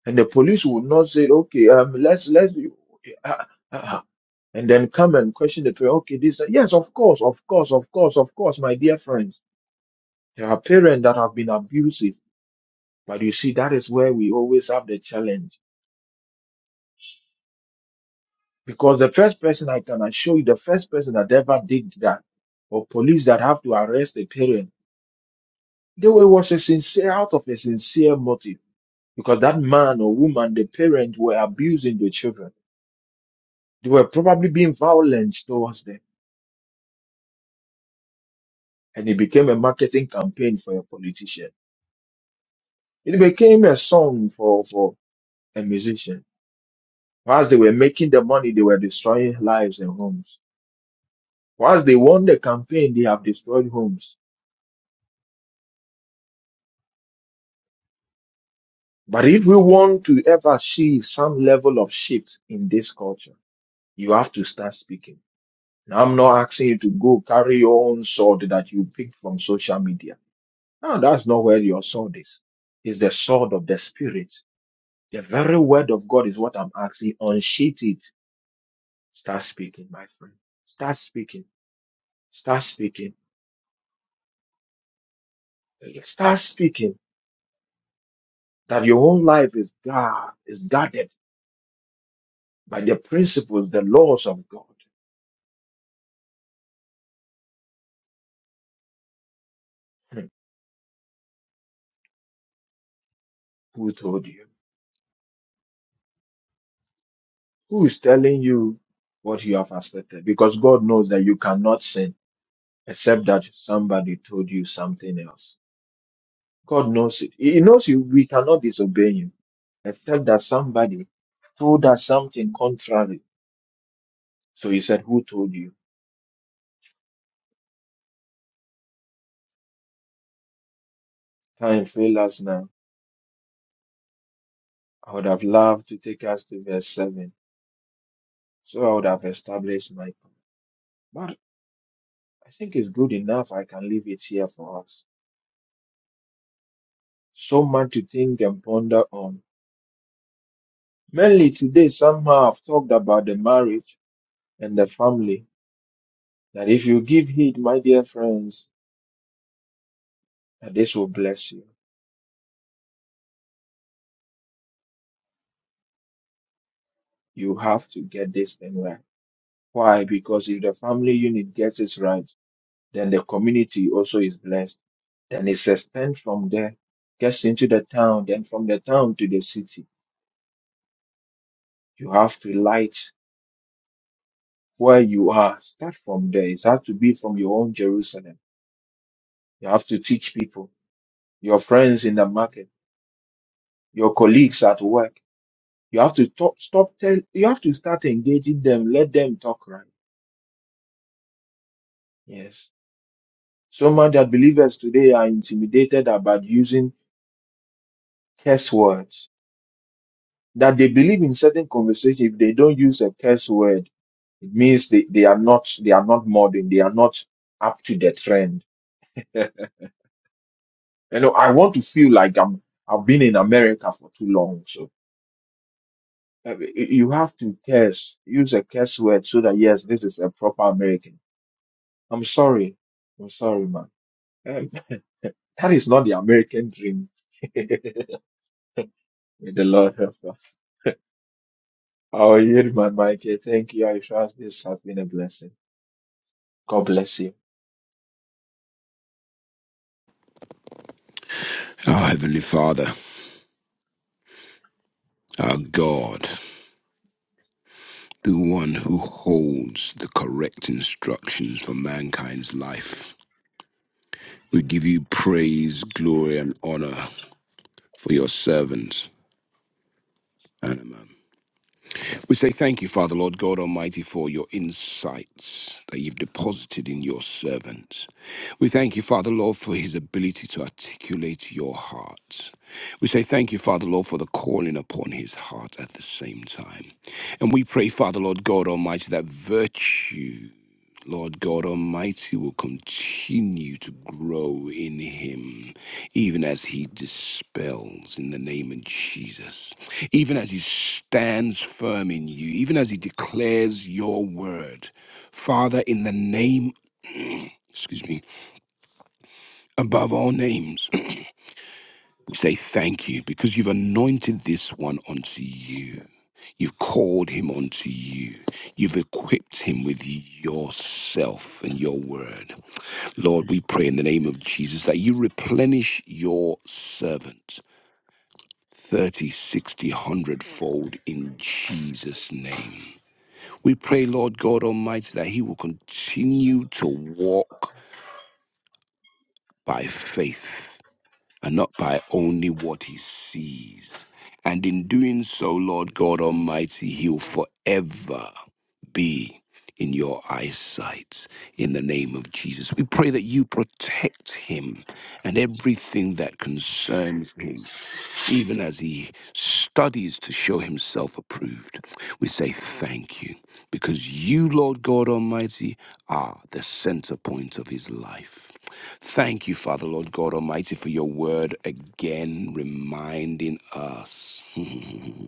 and the police will not say, okay, um, let's let's, uh, uh, uh.'" and then come and question the parent. Okay, this, yes, of course, of course, of course, of course, my dear friends. There are parents that have been abusive But you see, that is where we always have the challenge. Because the first person I can assure you, the first person that ever did that, or police that have to arrest a parent, they were was a sincere out of a sincere motive. Because that man or woman, the parent were abusing the children. They were probably being violent towards them. And it became a marketing campaign for a politician. It became a song for, for a musician. Whilst they were making the money, they were destroying lives and homes. Whilst they won the campaign, they have destroyed homes. But if we want to ever see some level of shift in this culture, you have to start speaking. Now, I'm not asking you to go carry your own sword that you picked from social media. No, that's not where your sword is. It's the sword of the spirit. The very word of God is what I'm asking. Unsheath it. Start speaking, my friend. Start speaking. Start speaking. Start speaking. That your own life is God, is God by the principles, the laws of God. Hmm. Who told you? Who is telling you what you have accepted? Because God knows that you cannot sin except that somebody told you something else. God knows it. He knows you. We cannot disobey Him except that somebody told us something contrary. So He said, "Who told you?" Time fails us now. I would have loved to take us to verse seven, so I would have established my. point. But I think it's good enough. I can leave it here for us So much to think and ponder on. Mainly today, somehow I've talked about the marriage and the family. That if you give heed, my dear friends, that this will bless you. You have to get this thing right. Why? Because if the family unit gets it right, then the community also is blessed. Then it's extended from there, gets into the town, then from the town to the city. You have to light where you are. Start from there. It has to be from your own Jerusalem. You have to teach people. your friends in the market, your colleagues at work. You have to talk, stop tell, you have to start engaging them, let them talk right. Yes. So much that believers today are intimidated about using curse words. That they believe in certain conversation, if they don't use a curse word, it means they, they are not they are not modern, they are not up to the trend. [LAUGHS] you know, I want to feel like I'm I've been in America for too long. so. Uh, You have to curse, use a curse word so that yes, this is a proper American. I'm sorry. I'm sorry, man. Um, [LAUGHS] that is not the American dream. [LAUGHS] May the Lord help us. I'll yield my mic here. Thank you. I trust this has been a blessing. God bless you.
Our Heavenly Father, our God. the one who holds the correct instructions for mankind's life. We give you praise, glory, and honor for your servants, Anima. We say thank you, Father, Lord God Almighty, for your insights that you've deposited in your servant. We thank you, Father, Lord, for his ability to articulate your heart. We say thank you, Father, Lord, for the calling upon his heart at the same time. And we pray, Father, Lord God Almighty, that virtue Lord God Almighty will continue to grow in him, even as he dispels in the name of Jesus, even as he stands firm in you, even as he declares your word. Father, in the name, excuse me, above all names, [CLEARS THROAT] we say thank you because you've anointed this one unto you. You've called him unto you. You've equipped him with yourself and your word. Lord, we pray in the name of Jesus that you replenish your servant 30, 60, one hundred fold in Jesus' name. We pray, Lord God Almighty, that he will continue to walk by faith and not by only what he sees. And in doing so, Lord God Almighty, he will forever be in your eyesight in the name of Jesus. We pray that you protect him and everything that concerns him. Even as he studies to show himself approved, we say thank you because you, Lord God Almighty, are the center point of his life. Thank you, Father, Lord God Almighty, for your word again reminding us [LAUGHS]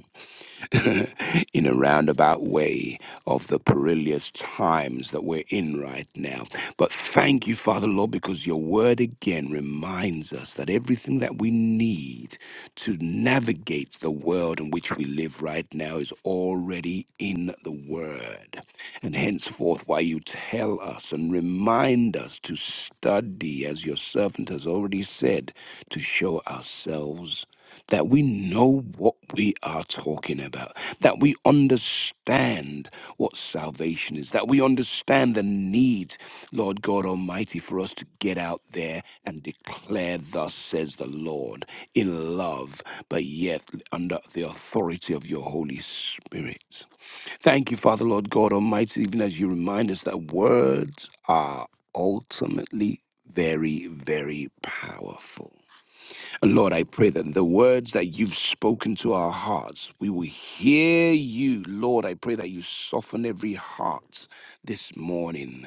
[LAUGHS] in a roundabout way of the perilous times that we're in right now. But thank you, Father Lord, because your word again reminds us that everything that we need to navigate the world in which we live right now is already in the word. And henceforth, why you tell us and remind us to study, as your servant has already said, to show ourselves that we know what we are talking about that we understand what salvation is, that we understand the need, Lord God Almighty, for us to get out there and declare, Thus says the Lord, in love, but yet under the authority of your Holy Spirit. Thank you, Father, Lord God Almighty, even as you remind us that words are ultimately very, very powerful. And Lord, I pray that the words that you've spoken to our hearts, we will hear you. Lord, I pray that you soften every heart this morning,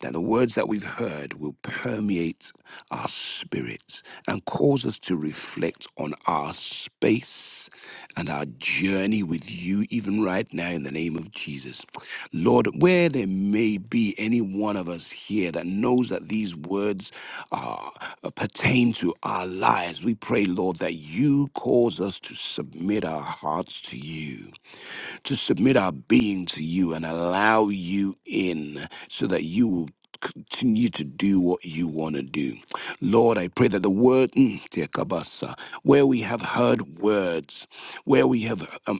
that the words that we've heard will permeate our spirits and cause us to reflect on our space and our journey with you, even right now, in the name of Jesus. Lord, where there may be any one of us here that knows that these words are uh, pertain to our lives. We pray, Lord, that you cause us to submit our hearts to you, to submit our being to you, and allow you in so that you will. Continue to do what you want to do. Lord, I pray that the word, mm, dear Kabasa, where we have heard words, where we have um,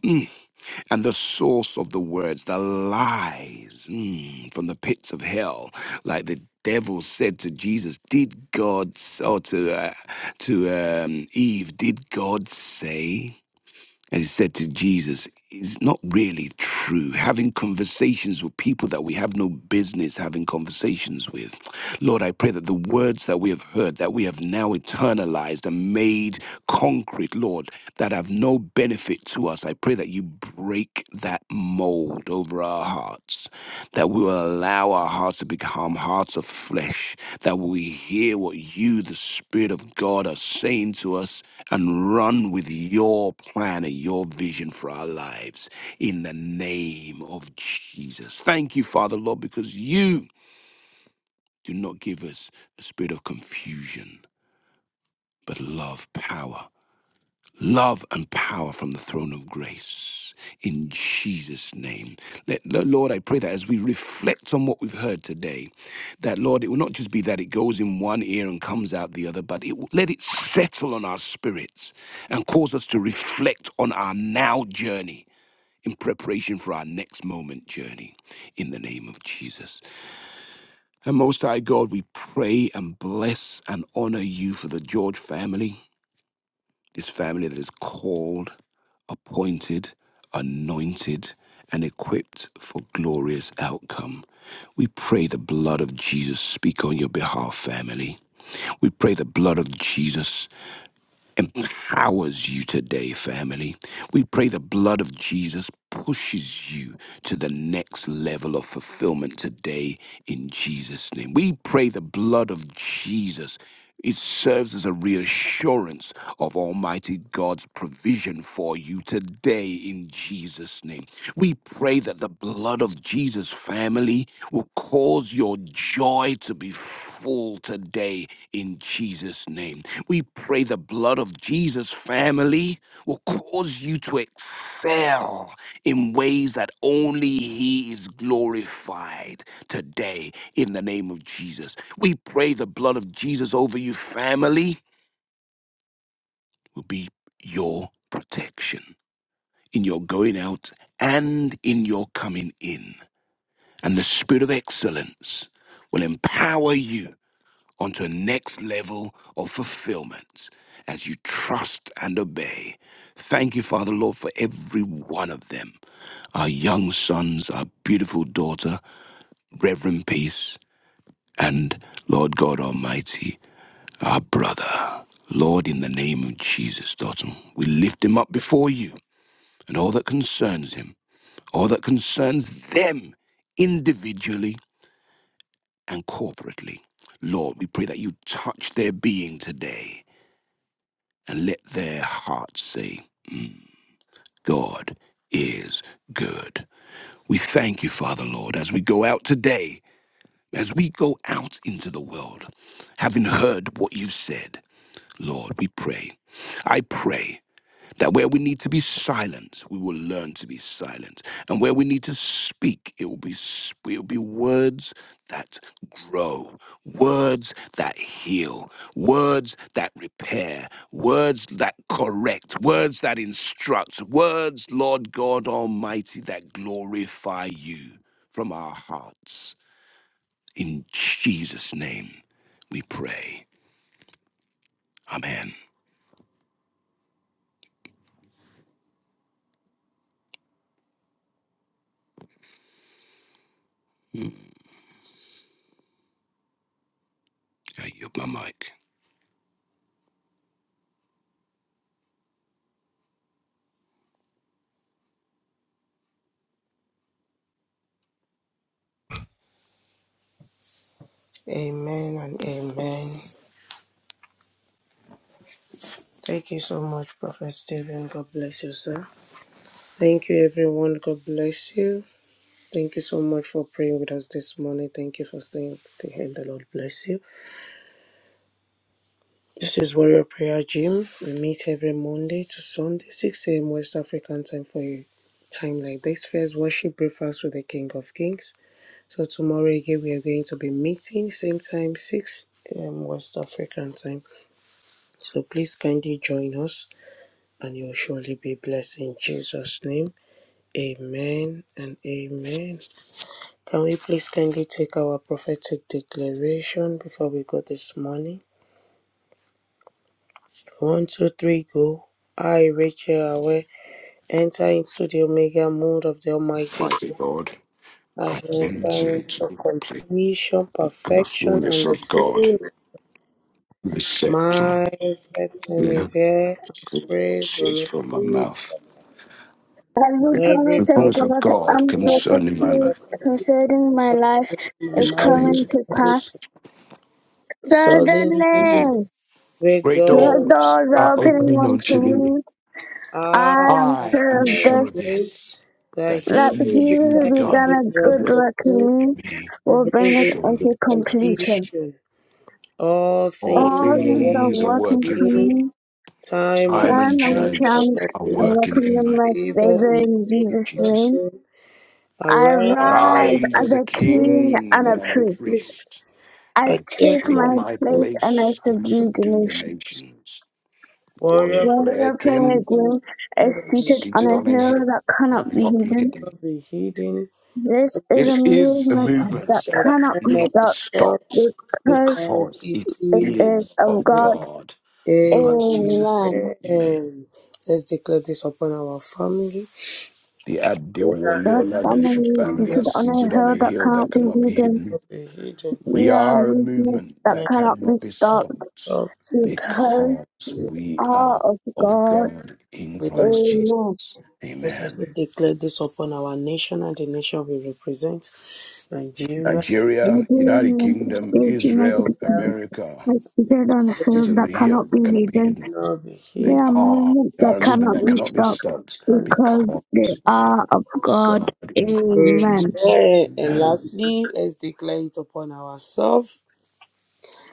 and the source of the words, the lies mm, from the pits of hell, like the devil said to Jesus, "Did God or to uh, to um, Eve, did God say?" And he said to Jesus, It's not really true. Having conversations with people that we have no business having conversations with. Lord, I pray that the words that we have heard, that we have now internalized and made concrete, Lord, that have no benefit to us, I pray that you break that mold over our hearts, that we will allow our hearts to become hearts of flesh, that we hear what you, the Spirit of God, are saying to us and run with your plan and your vision for our lives in the name of Jesus. Thank you, Father, Lord, because you do not give us a spirit of confusion, but love, power love and power from the throne of grace in Jesus' name. Let, Lo- Lord, I pray that as we reflect on what we've heard today, that Lord, it will not just be that it goes in one ear and comes out the other, but it will, let it settle on our spirits and cause us to reflect on our now journey in preparation for our next moment journey in the name of Jesus. And most high God, we pray and bless and honor you for the George family this family that is called, appointed, anointed, and equipped for glorious outcome. We pray the blood of Jesus speak on your behalf, family. We pray the blood of Jesus empowers you today, family. We pray the blood of Jesus pushes you to the next level of fulfillment today in Jesus' name. We pray the blood of Jesus. It serves as a reassurance of Almighty God's provision for you today in Jesus' name. We pray that the blood of Jesus, family, will cause your joy to be full today in Jesus' name. We pray the blood of Jesus, family, will cause you to excel in ways that only He is glorified today in the name of Jesus. We pray the blood of Jesus over you, family, will be your protection in your going out and in your coming in. And the Spirit of excellence will empower you onto a next level of fulfillment as you trust and obey. Thank you, Father Lord, for every one of them. Our young sons, our beautiful daughter, Reverend Peace, and Lord God Almighty, our brother. Lord, in the name of Jesus, Dotton, we lift him up before you and all that concerns him, all that concerns them individually and corporately. Lord, we pray that you touch their being today and let their hearts say, "Mm, God is good. We thank you, Father Lord, as we go out today, as we go out into the world, having heard what you said, Lord, we pray. I pray. That where we need to be silent, we will learn to be silent. And where we need to speak, it will be, sp- it will be words that grow, words that heal, words that repair, words that correct, words that instruct, words, Lord God Almighty, that glorify you from our hearts. In Jesus' name we pray. Amen. Mm. I yield my mic.
Amen and amen. Thank you so much, Prophet Stephen. God bless you, sir. Thank you, everyone. God bless you. Thank you so much for praying with us this morning. Thank you for staying to the end. The Lord bless you. This is Warrior Prayer Gym. We meet every Monday to Sunday, 6 a.m. West African time for you. Time like this, first worship breakfast with the King of Kings. So tomorrow again we are going to be meeting same time six um, West African time. So please kindly join us, and you will surely be blessed in Jesus' name. Amen and amen. Can we please kindly take our prophetic declaration before we go this morning? One, two, three, go. I, Rachel Awe, enter into the Omega mood of the Almighty.
Mighty God.
I
I enter
enter
into
into
the place
completion,
and the
perfection, and
fullness
the
of God.
fullness
I set time
My victim
there,
is here, and praise
proceeds
will not
from my
cease.
mouth.
As the
Every
The
promise
promise
of
promise of
God
of
God
God
concerning my
and
unfulfilled
life
concerning my
prophecy
life
concerning
is
is
my life
coming
coming
to
is
to
coming.
pass.
pass.
Suddenly,
Suddenly,
great
Great
the
doors are
doors are
doors
opening
opening
opening unto
unto me.
unto
me.
me. I
I
am
am
I am
served
sure of
afraid
this,
that
that
he
That he
who
he who
began
who
a
began
begun
good
a
a
work
good
good
work
in
work
me
in
in
me
me
will
will
bring
bring it
it
surely
to
into
will to completion.
completion.
completion. All
All
things
All
are
the
things
working
are
for
working
working
for
for
me.
me.
me,
Time
Time
and
and
turn and
chance are
chance
chance,
are
working
and
working
welcome
in
in
my
my favor
favor is
in
in
Jesus'
Jesus.
name.
nothing.
I
Arise
rise
as
Rise
the
as
as a
a
king
king and
and
king
a
and
as
a
the
priest.
priest.
priest.
I
I
I
thank
take
take
my
my
my
faith.
place and I
place and I
subdue the
subdue the
nations.
nations. Warrior
warrior
of
While
prayer
prayer,
the prayer
Jim,
team
groom is
that will
seated on
seated
a
on a
hill
hill
that
that
cannot be
cannot be
hidden,
hidden.
not be hidden.
this
The
is a
This is a
movement that
secret
movement
that
that
cannot be
cannot
cannot
be
stopped
stop
stopped
because.
because
because
it
it
it
is
is
is
of
of
God
God.
God in Christ
Amen.
Amen.
Jesus.
man.
Amen.
Let's declare this upon our family.
The
Warrior
Adewale
God's
prayer team
Oladosu
family
will
family are
seated on a
seated on a
hill that
hill
cannot
that
be
cannot be
hidden,
hidden.
not be hidden.
We
near a
are a
movement
movement
that
May
that
cannot be
cannot be
God
stopped
stopped
help the
because
because
we
we
are
are
of
of
God
God in
people.
Christ
in
Jesus.
man.
Yes, if we
Amen.
declare this upon our nation and the nation we represent, Nigeria,
Nigeria, United
Living in
Kingdom,
state united
Israel,
kingdom.
America,
They seated on a
are
hill
cities on
that
the
cannot
hill
be
that cannot be
hidden.
hidden.
Lord, be
They
There
healed.
are
are,
movements
they
that
are a movement
cannot
that
be
cannot be
stopped
stopped
And,
because
because
they
they are
are of God.
God in Christ
Amen.
Jesus.
Amen. and
Amen.
lastly, let's declare it upon ourselves.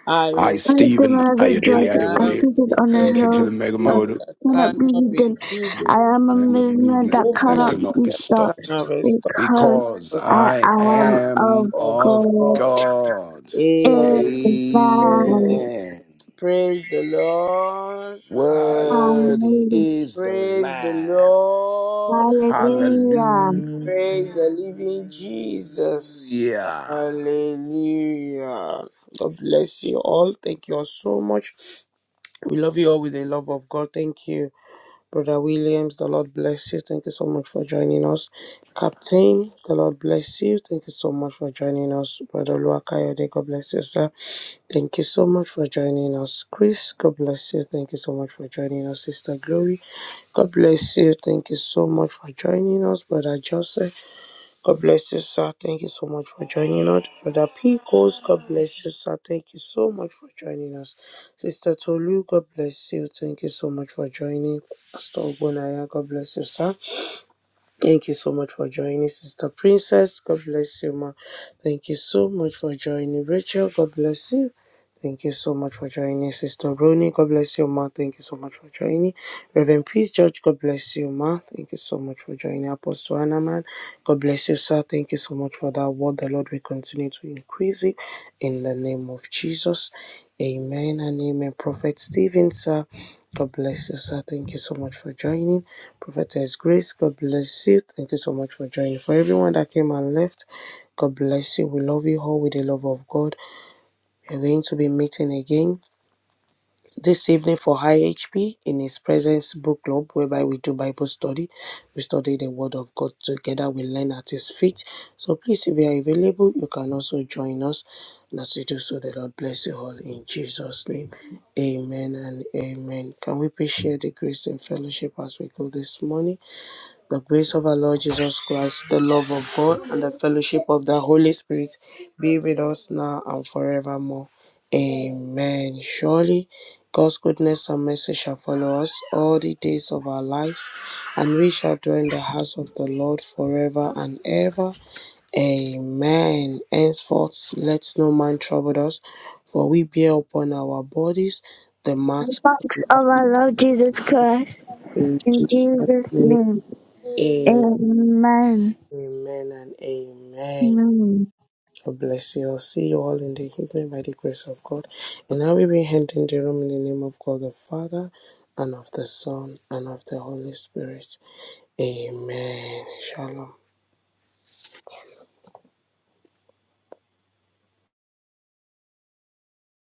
I
I,
am
Like the
Stephen
Mother
aware I
George
Ayodele
I
am
Adewale,
seated
seated
on a
enter
and
into the
hill
mega
that
healed
mode.
that
cannot be
cannot be
hidden.
I
healed. The
I am a
am a
movement
movement
that
that
cannot
movement
cannot be
be
that
stopped
stopped
cannot be stopped.
because
because
but
I
I
am
I am
of
am
Of
of
God.
God.
God.
Amen.
Amen.
Amen.
Praise the Lord. Hallelujah.
Worthy
Hallelujah.
is the
Praise the
Lamb.
Lord. Hallelujah.
Hallelujah.
Hallelujah.
Praise the living Jesus. Hallelujah. God bless you all. Thank you all so much. We love you all with the love of God. Thank you. Brother Williams, the Lord bless you. Thank you so much for joining us. Captain, the Lord bless you. Thank you so much for joining us. Brother Luakayode, God bless you, sir. Thank you so much for joining us. Chris, God bless you. Thank you so much for joining us. Sister Glory, God bless you. Thank you so much for joining us. Brother Joseph, God bless you, sir. Thank you so much for joining us. Brother Picos, God bless you, sir. Thank you so much for joining us. Sister Tolu, God bless you. Thank you so much for joining. Pastor Ogbonaya, God bless you, sir. Thank you so much for joining, Sister Princess. God bless you, ma. Thank you so much for joining, Rachel. God bless you. Thank you so much for joining, Sister Ronnie. God bless you, ma. Thank you so much for joining, Reverend Peace George. God bless you, ma. Thank you so much for joining, Apostle Anaman. God bless you, sir. Thank you so much for that word. The Lord will continue to increase it in the name of Jesus. Amen and amen. Prophet Stephen, sir. God bless you, sir. Thank you so much for joining. Prophetess Grace, God bless you. Thank you so much for joining. For everyone that came and left, God bless you. We love you all with the love of God. We're going to be meeting again this evening for High HP in His Presence Book Club, whereby we do Bible study. We study the Word of God together. We learn at His feet. So please, if you are available, you can also join us. And as you do so, the Lord bless you all in Jesus' name. Amen and amen. Can we please share the grace and fellowship as we go this morning? The grace of our Lord Jesus Christ, the love of God, and the fellowship of the Holy Spirit be with us now and forevermore. Amen. Surely God's goodness and mercy shall follow us all the days of our lives, and we shall dwell in the house of the Lord forever and ever. Amen. Henceforth, let no man trouble us, for we bear upon our bodies the
The
marks
box of our Lord Jesus Christ.
of
In
Jesus'
Jesus'
name.
name. Amen.
Amen and amen.
Amen.
God bless you. all. See you all in the evening by the grace of God. And I will be handing the room in the name of God the Father and of the Son and of the Holy Spirit. Amen. Shalom.